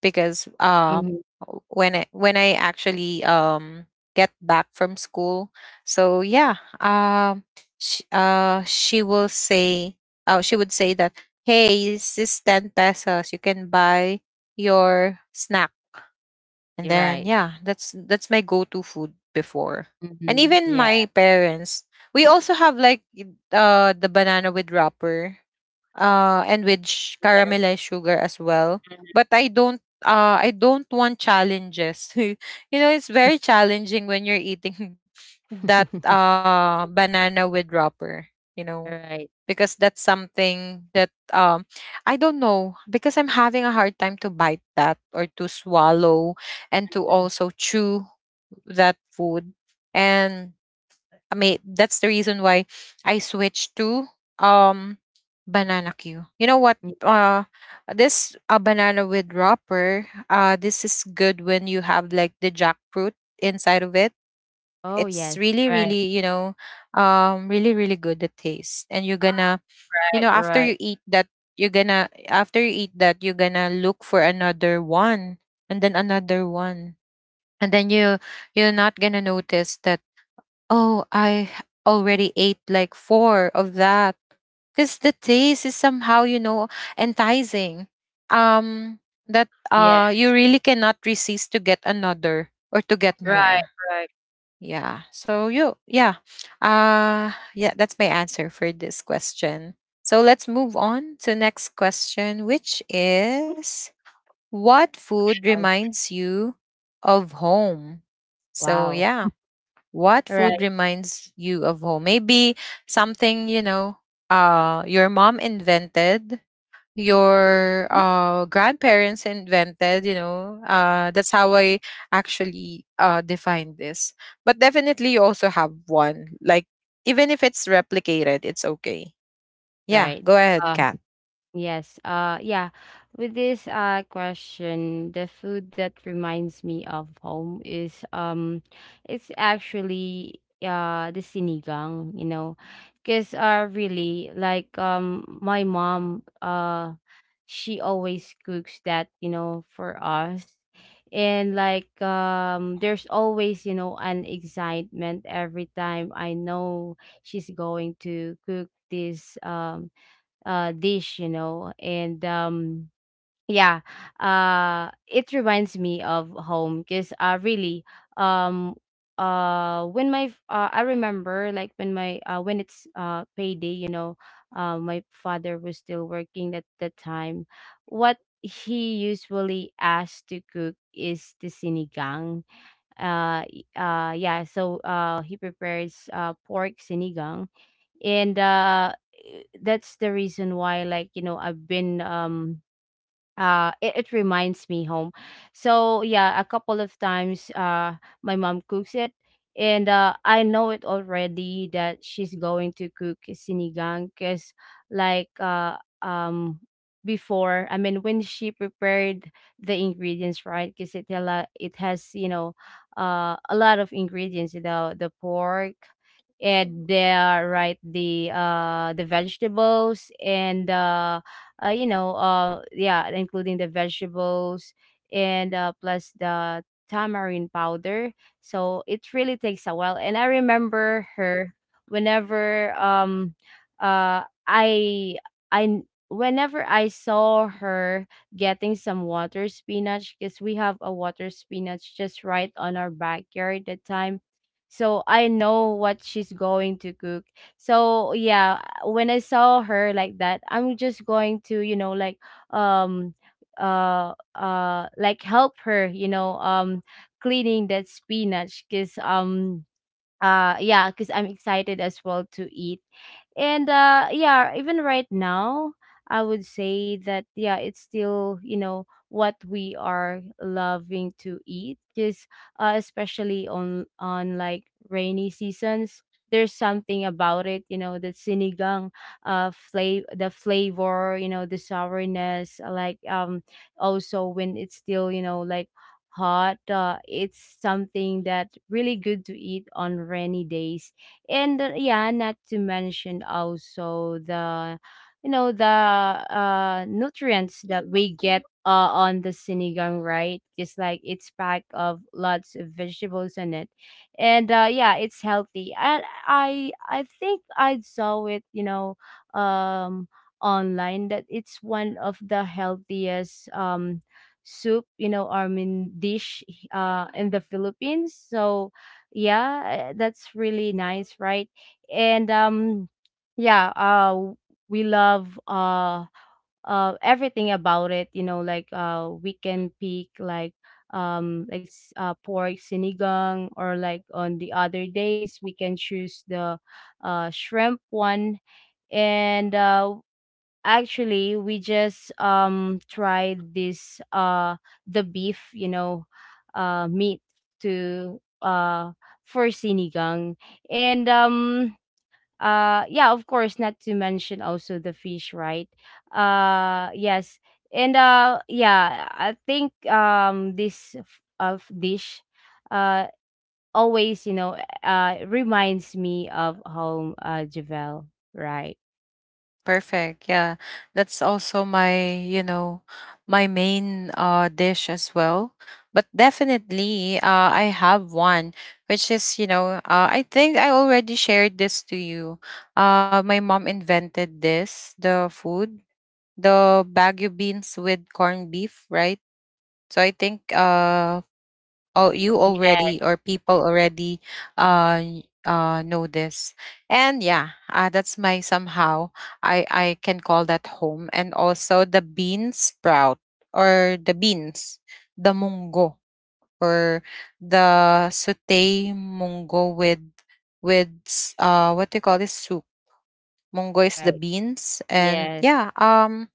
Speaker 1: because um
Speaker 2: Mhm.
Speaker 1: when I, when I actually um get back from school. So yeah, um she, uh she will say, oh, she would say that, hey, this is ten pesos, you can buy your snack.
Speaker 2: You're
Speaker 1: And then
Speaker 2: right.
Speaker 1: yeah, that's that's my go-to food before. And
Speaker 2: Mhm.
Speaker 1: even
Speaker 2: Yeah.
Speaker 1: my parents, we also have like y- uh the banana with wrapper, uh, and with sh-
Speaker 2: Yes.
Speaker 1: caramelized sugar as well.
Speaker 2: Mhm.
Speaker 1: But I don't, uh I don't want challenges. You know, it's very challenging when you're eating that uh banana with wrapper, you know,
Speaker 2: Right.
Speaker 1: because that's something that, um I don't know, because I'm having a hard time to bite that, or to swallow, and to
Speaker 2: Mhm.
Speaker 1: also chew that food. And I mean, that's the reason why I switched to um banana Q. You know what?
Speaker 2: Ye
Speaker 1: Uh, this uh, banana with wrapper, Uh, this is good when you have like the jackfruit inside of it.
Speaker 2: Oh,
Speaker 1: It's
Speaker 2: yes.
Speaker 1: really,
Speaker 2: Right.
Speaker 1: really, you know, um, really, really good, the taste. And you're gonna, you
Speaker 2: Right,
Speaker 1: know, after
Speaker 2: right.
Speaker 1: you eat that, you're gonna, after you eat that, you're gonna look for another one, and then another one. And then you, you're not gonna notice that, oh, I already ate like four of that, because the taste is somehow, you know, enticing. Um, that, uh,
Speaker 2: Yes.
Speaker 1: you really cannot resist to get another, or to get
Speaker 2: Right,
Speaker 1: more.
Speaker 2: right.
Speaker 1: Yeah. So you, yeah, uh, yeah, that's my answer for this question. So let's move on to next question, which is, what food
Speaker 2: Yes.
Speaker 1: reminds you of home? So
Speaker 2: Wow.
Speaker 1: yeah, what
Speaker 2: Right.
Speaker 1: food reminds you of home? Maybe something, you know, uh, your mom invented, your uh, grandparents invented, you know. Uh, that's how I actually uh, define this. But definitely you also have one. Like, even if it's replicated, it's okay. Yeah,
Speaker 2: Right.
Speaker 1: go ahead,
Speaker 2: Uh,
Speaker 1: Kat.
Speaker 2: yes. Uh, yeah. With this uh question, the food that reminds me of home is um, it's actually uh the sinigang. You know, because uh really like, um my mom uh she always cooks that, you know, for us. And like, um there's always, you know, an excitement every time I know she's going to cook this um uh dish, you know. And um Yeah, uh it reminds me of home, because uh really, um uh when my f- uh, i remember, like, when my, uh when it's uh payday, you know, uh my father was still working at the time. What he usually asked to cook is the sinigang. Uh y- uh yeah, so uh he prepares uh pork sinigang. And uh that's the reason why, like, you know, I've been um uh it, it reminds me home. So yeah, a couple of times, uh my mom cooks it. And uh I know it already, that she's going to cook sinigang, because like, uh um before, I mean, when she prepared the ingredients, right, because it, a lot- it has, you know, uh a lot of ingredients, you know, the pork, and the right, the, uh the vegetables, and uh uh, you know, uh, yeah, including the vegetables. And uh, plus the tamarind powder. So it really takes a while. And I remember her whenever um uh I I whenever I saw her getting some water spinach, because we have a water spinach just right on our backyard that time. So I know what she's going to cook, so yeah, when I saw her like that, I'm just going to, you know, like um uh uh like help her, you know, um cleaning that spinach because um uh yeah, because I'm excited as well to eat. And uh yeah, even right now I would say that yeah, it's still you know what we are loving to eat, because uh, especially on on like rainy seasons there's something about it, you know, the sinigang, uh flavor, the flavor you know, the sourness, like um also when it's still, you know, like hot. Uh, it's something that really good to eat on rainy days. And uh, yeah, not to mention also the, you know, the uh nutrients that we get uh on the sinigang, right? Just like it's packed of lots of vegetables in it. And uh yeah, it's healthy. And I I think I saw it, you know, um online that it's one of the healthiest um soup, you know, our main dish, uh, in the Philippines. So yeah, uh, that's really nice, right? And um, yeah, uh, we love, uh, uh, everything about it. You know, like uh, we can pick like um, like s- uh, pork sinigang, or like on the other days we can choose the uh, shrimp one. And uh, Actually, we just um tried this uh the beef, you know, uh meat to uh for sinigang. And um uh Yeah, of course, not to mention also the fish, right? Uh yes. And uh yeah, I think um this f- of dish uh always, you know, uh reminds me of home, uh Javel, right?
Speaker 1: Perfect. Yeah. That's also my, you know, my main uh dish as well. But definitely uh I have one, which is, you know, uh I think I already shared this to you. Uh my mom invented this, the food, the bagu beans with corned beef, right? So I think uh oh, you
Speaker 2: Yeah,
Speaker 1: already, or people already uh y- uh know this. And yeah, uh, that's my somehow, i i can call that home. And also the bean sprout, or the beans, the mungo, or the saute mungo with with s- uh what do you call this, soup. Mungo is the
Speaker 2: right.
Speaker 1: beans. And
Speaker 2: Yes.
Speaker 1: yeah, um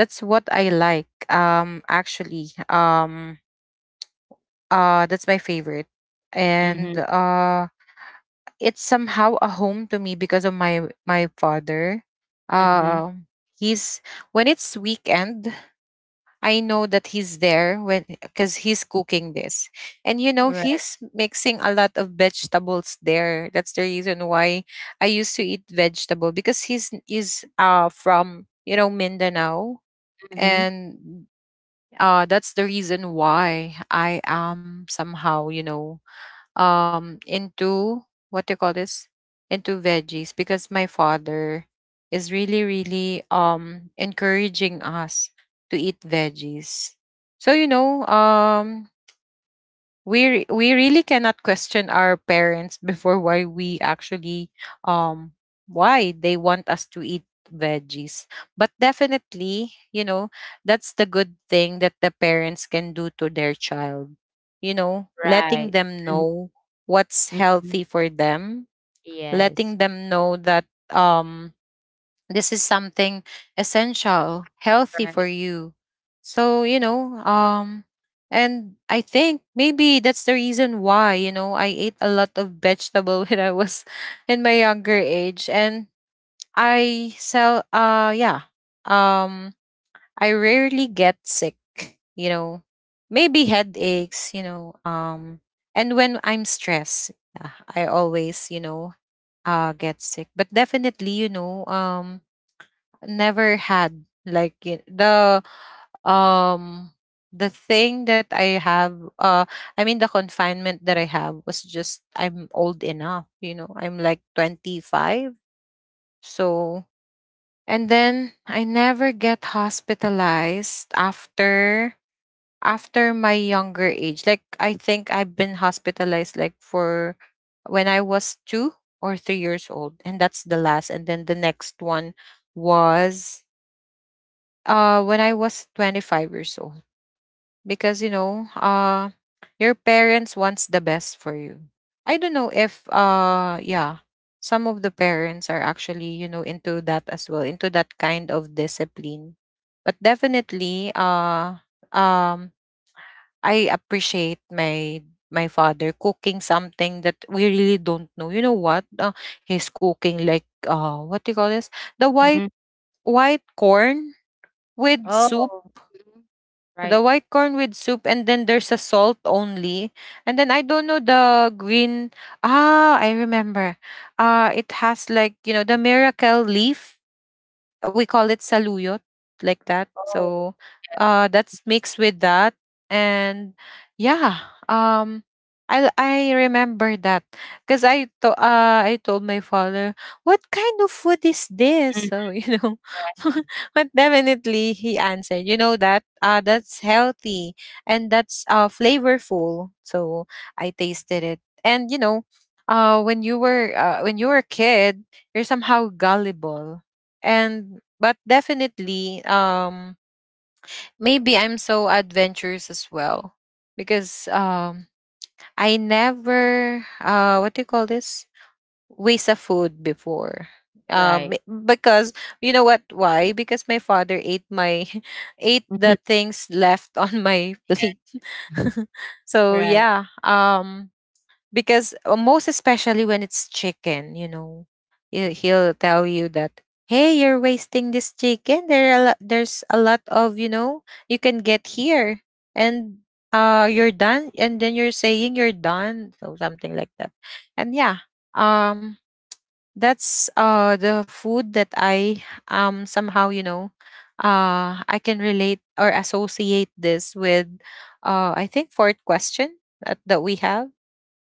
Speaker 1: that's what I like. Um actually, um uh, that's my favorite. And
Speaker 2: Mhm,
Speaker 1: uh, it's somehow a home to me because of my my father.
Speaker 2: mhm.
Speaker 1: Um, he's, when it's weekend, I know that he's there, when, because he's cooking this, and you know
Speaker 2: Right.
Speaker 1: he's mixing a lot of vegetables there. That's the reason why I used to eat vegetable, because he's, is uh from, you know, Mindanao.
Speaker 2: Mhm.
Speaker 1: And uh that's the reason why I am somehow, you know, um into, what do you call this, into veggies, because my father is really, really um encouraging us to eat veggies. So, you know, um we re- we really cannot question our parents before, why we actually um why they want us to eat veggies. But definitely, you know, that's the good thing that the parents can do to their child, you know, letting
Speaker 2: Right.
Speaker 1: them
Speaker 2: Mhm,
Speaker 1: know what's
Speaker 2: mhm.
Speaker 1: healthy for them, letting
Speaker 2: Yes.
Speaker 1: them know that, um this is something essential, healthy for
Speaker 2: Right.
Speaker 1: you. So, you know, um and I think maybe that's the reason why, you know, I ate a lot of vegetable when I was in my younger age. And I sell uh yeah. Um I rarely get sick, you know. Maybe headaches, you know, um and when I'm stressed, uh, I always, you know, uh get sick. But definitely, you know, um never had like y- the, um the thing that I have, uh I mean, the confinement that I have was just, I'm old enough, you know, I'm like twenty-five. So, and then I never get hospitalized after, after my younger age. Like, I think I've been hospitalized like for when I was two or three years old, and that's the last. And then the next one was uh, when I was twenty-five years old. Because, you know, uh, your parents wants the best for you. I don't know if uh yeah, some of the parents are actually, you know, into that as well, into that kind of discipline. But definitely, uh um I appreciate my my father cooking something that we really don't know. You know what? Uh, he's cooking like, uh what do you call this, the white,
Speaker 2: Mhm.
Speaker 1: white corn with soup.
Speaker 2: Oh. Mhm.
Speaker 1: The
Speaker 2: Right.
Speaker 1: white corn with soup, and then there's a salt only. And then I don't know the green. Ah, I remember. Uh, it has, like, you know, the miracle leaf. We call it saluyot, like that.
Speaker 2: Oh.
Speaker 1: So uh that's mixed with that. And yeah um i i remember that because i to, uh i told my father, what kind of food is this?
Speaker 2: Mhm.
Speaker 1: So you know but definitely he answered, you know that uh that's healthy and that's uh flavorful. So I tasted it, and you know uh when you were uh, when you were a kid, you're somehow gullible. And but definitely, um maybe I'm so adventurous as well, because um I never uh what do you call this waste of food before, um
Speaker 2: Right.
Speaker 1: m- because you know what? Why? Because my father ate my ate the
Speaker 2: Mhm.
Speaker 1: things left on my plate. So
Speaker 2: Right.
Speaker 1: yeah um because uh, most especially when it's chicken, you know, he- he'll tell you that, "Hey, you're wasting this chicken. There are a lot, there's a lot of, you know you can get here, and uh, you're done, and then you're saying you're done," so something like that. And yeah, um, that's uh the food that I, um somehow, you know, uh, I can relate or associate this with, uh, I think, fourth question that, that we have.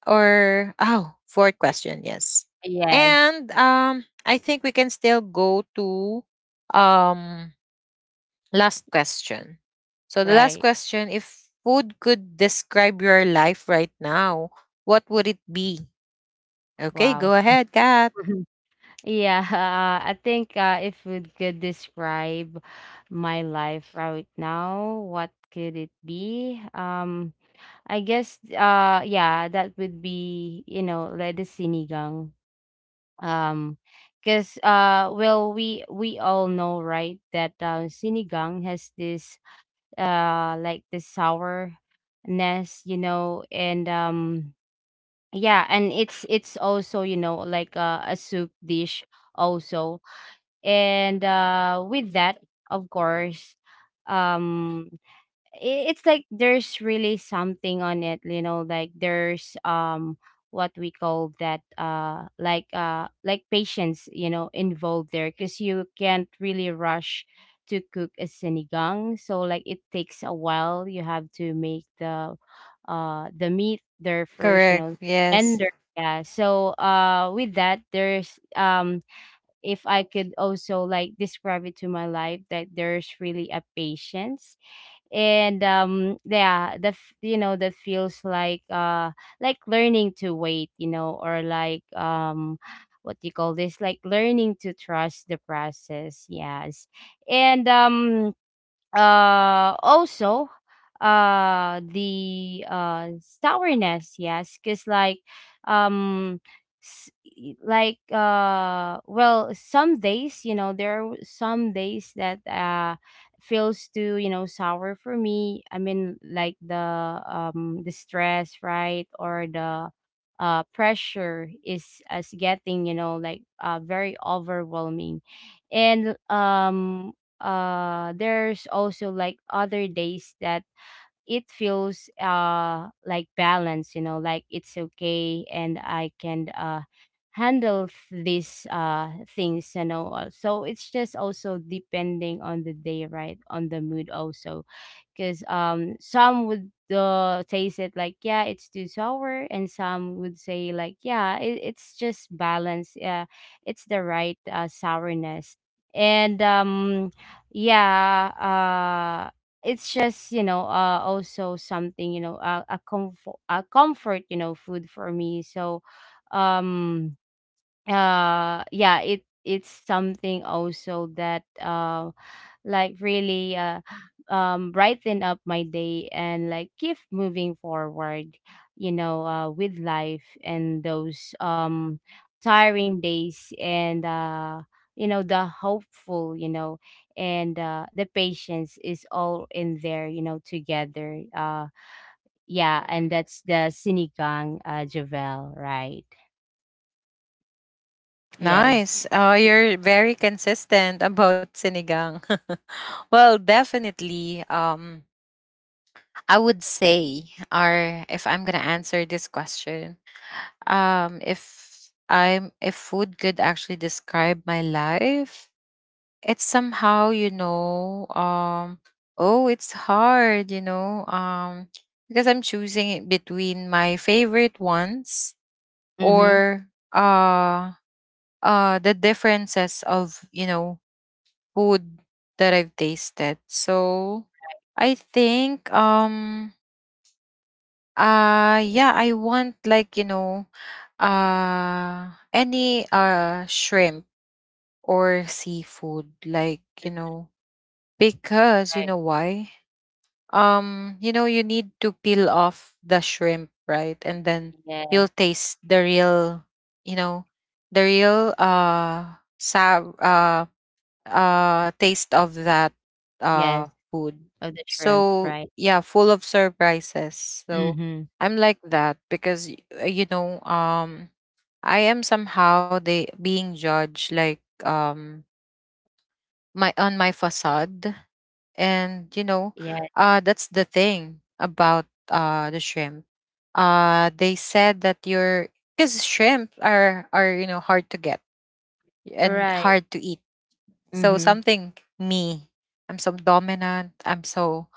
Speaker 1: Or, oh, fourth question, yes.
Speaker 2: Yes.
Speaker 1: And um i think we can still go to, um last question. So the last
Speaker 2: Right.
Speaker 1: question, if food could describe your life right now, what would it be? Okay,
Speaker 2: Wow.
Speaker 1: go ahead, Kat.
Speaker 2: Yeah, uh, I think uh, if we could describe my life right now, what could it be? Um, I guess uh yeah, that would be, you know, like the sinigang. um because uh well, we we all know, right, that uh, sinigang has this uh like the sourness, you know. And um yeah, and it's it's also, you know, like uh, a soup dish also. And uh with that, of course, um i- it's like there's really something on it, you know. Like there's um what we call that, uh like uh like patience, you know, involved there, because you can't really rush to cook a sinigang. So like it takes a while, you have to make the uh the meat there first, you
Speaker 1: Correct,
Speaker 2: know,
Speaker 1: yes.
Speaker 2: tender. Yeah, so uh with that there's, um if I could also like describe it to my life, that there's really a patience. And um yeah, that f- you know, that feels like uh like learning to wait, you know, or like um what do you call this, like learning to trust the process, yes. And um uh also, uh the uh sourness, yes, because like um s- y- like uh well, some days, you know, there are some days that uh feels too, you know, sour for me. I mean, like the um the stress, right, or the uh pressure is as getting, you know, like uh very overwhelming. And um uh there's also like other days that it feels uh like balance, you know, like it's okay and I can uh handle th- these uh things, you know. Uh, so it's just also depending on the day, right, on the mood also, because um some would, uh, taste it like yeah, it's too sour, and some would say like yeah, it, it's just balance. Yeah, it's the right, uh, sourness. And um yeah uh, It's just, you know, uh also something, you know, uh, a comfort, a comfort, you know, food for me. So um uh yeah, it it's something also that uh like really uh, um, brighten up my day and like keep moving forward, you know, uh, with life and those um tiring days, and uh you know, the hopeful, you know, and uh the patience is all in there, you know, together. Uh yeah, and that's the sinigang, uh Javel, right? Yes.
Speaker 1: Nice. Oh, you're very consistent about sinigang. Well, definitely, um I would say, or, if I'm gonna answer this question, um if I'm if food could actually describe my life, it's somehow, you know um oh, it's hard, you know um because I'm choosing it between my favorite ones,
Speaker 2: Mm-hmm.
Speaker 1: or uh uh the differences of, you know food that I've tasted. So I think, um uh yeah, I want, like you know uh any uh shrimp or seafood, like you know because you
Speaker 2: Right.
Speaker 1: know why? Um you know, you need to peel off the shrimp, right? And then you'll
Speaker 2: Yes.
Speaker 1: taste the real, you know, the real uh sab uh uh taste of that uh
Speaker 2: Yes,
Speaker 1: food.
Speaker 2: of the shrimp,
Speaker 1: So
Speaker 2: right.
Speaker 1: yeah, full of surprises. So
Speaker 2: Mm-hmm.
Speaker 1: I'm like that because y- uh, you know, um I am somehow they being judged, like, um my, on my facade, and you know,
Speaker 2: Yeah.
Speaker 1: uh that's the thing about uh the shrimp. Uh they said that you're, because shrimp are are, you know, hard to get and
Speaker 2: Right.
Speaker 1: hard to eat. So
Speaker 2: Mhm,
Speaker 1: something me, I'm so dominant. I'm so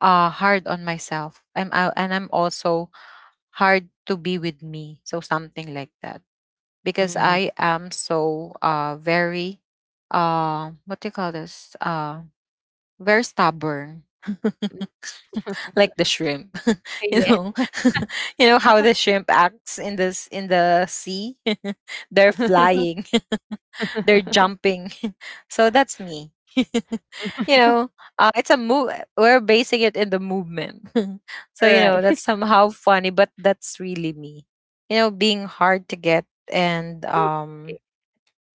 Speaker 1: uh hard on myself. I'm out, and I'm also hard to be with me. So something like that. Because
Speaker 2: mhm.
Speaker 1: I am so uh very uh what do you call this? Uh very stubborn. Like the shrimp. You
Speaker 2: Yes.
Speaker 1: know. You know how the shrimp acts in this, in the sea? They're flying. They're jumping. So that's me. You know, uh, it's a move. We're basing it in the movement. So, you know, that's
Speaker 2: Right.
Speaker 1: somehow funny, but that's really me. You know, being hard to get. and um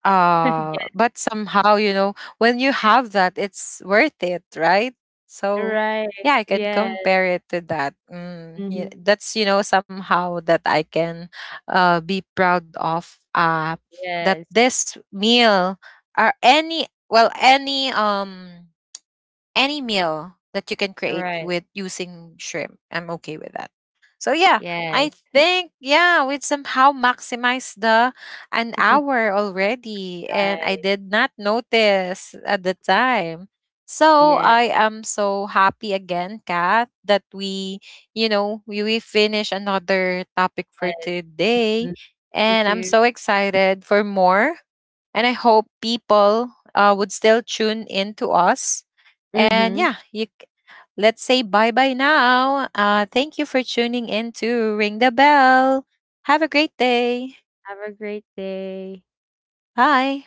Speaker 1: uh
Speaker 2: Yes,
Speaker 1: but somehow, you know, when you have that, it's worth it, right? So
Speaker 2: right.
Speaker 1: yeah, I can
Speaker 2: Yes.
Speaker 1: compare it to that. Mm, yeah,
Speaker 2: Mhm.
Speaker 1: that's, you know, somehow that I can uh be proud of, uh that
Speaker 2: Yes.
Speaker 1: this meal or any, well, any, um any meal that you can create
Speaker 2: Right.
Speaker 1: with using shrimp, I'm okay with that. So yeah, I
Speaker 2: Yes.
Speaker 1: think, yeah, we somehow maximize the, an hour already, and I
Speaker 2: Right.
Speaker 1: did not notice at the time. So
Speaker 2: Yes.
Speaker 1: I am so happy again, Kat, that we, you know, we, we finish another topic for
Speaker 2: Yes.
Speaker 1: today.
Speaker 2: Mm. Me
Speaker 1: And I'm
Speaker 2: too.
Speaker 1: so excited for more. And I hope people uh, would still tune in to us. And
Speaker 2: Mhm.
Speaker 1: yeah, you c- let's say bye bye now. Uh, thank you for tuning in to Ring the Bell. Have a great day.
Speaker 2: Have a great day.
Speaker 1: Bye.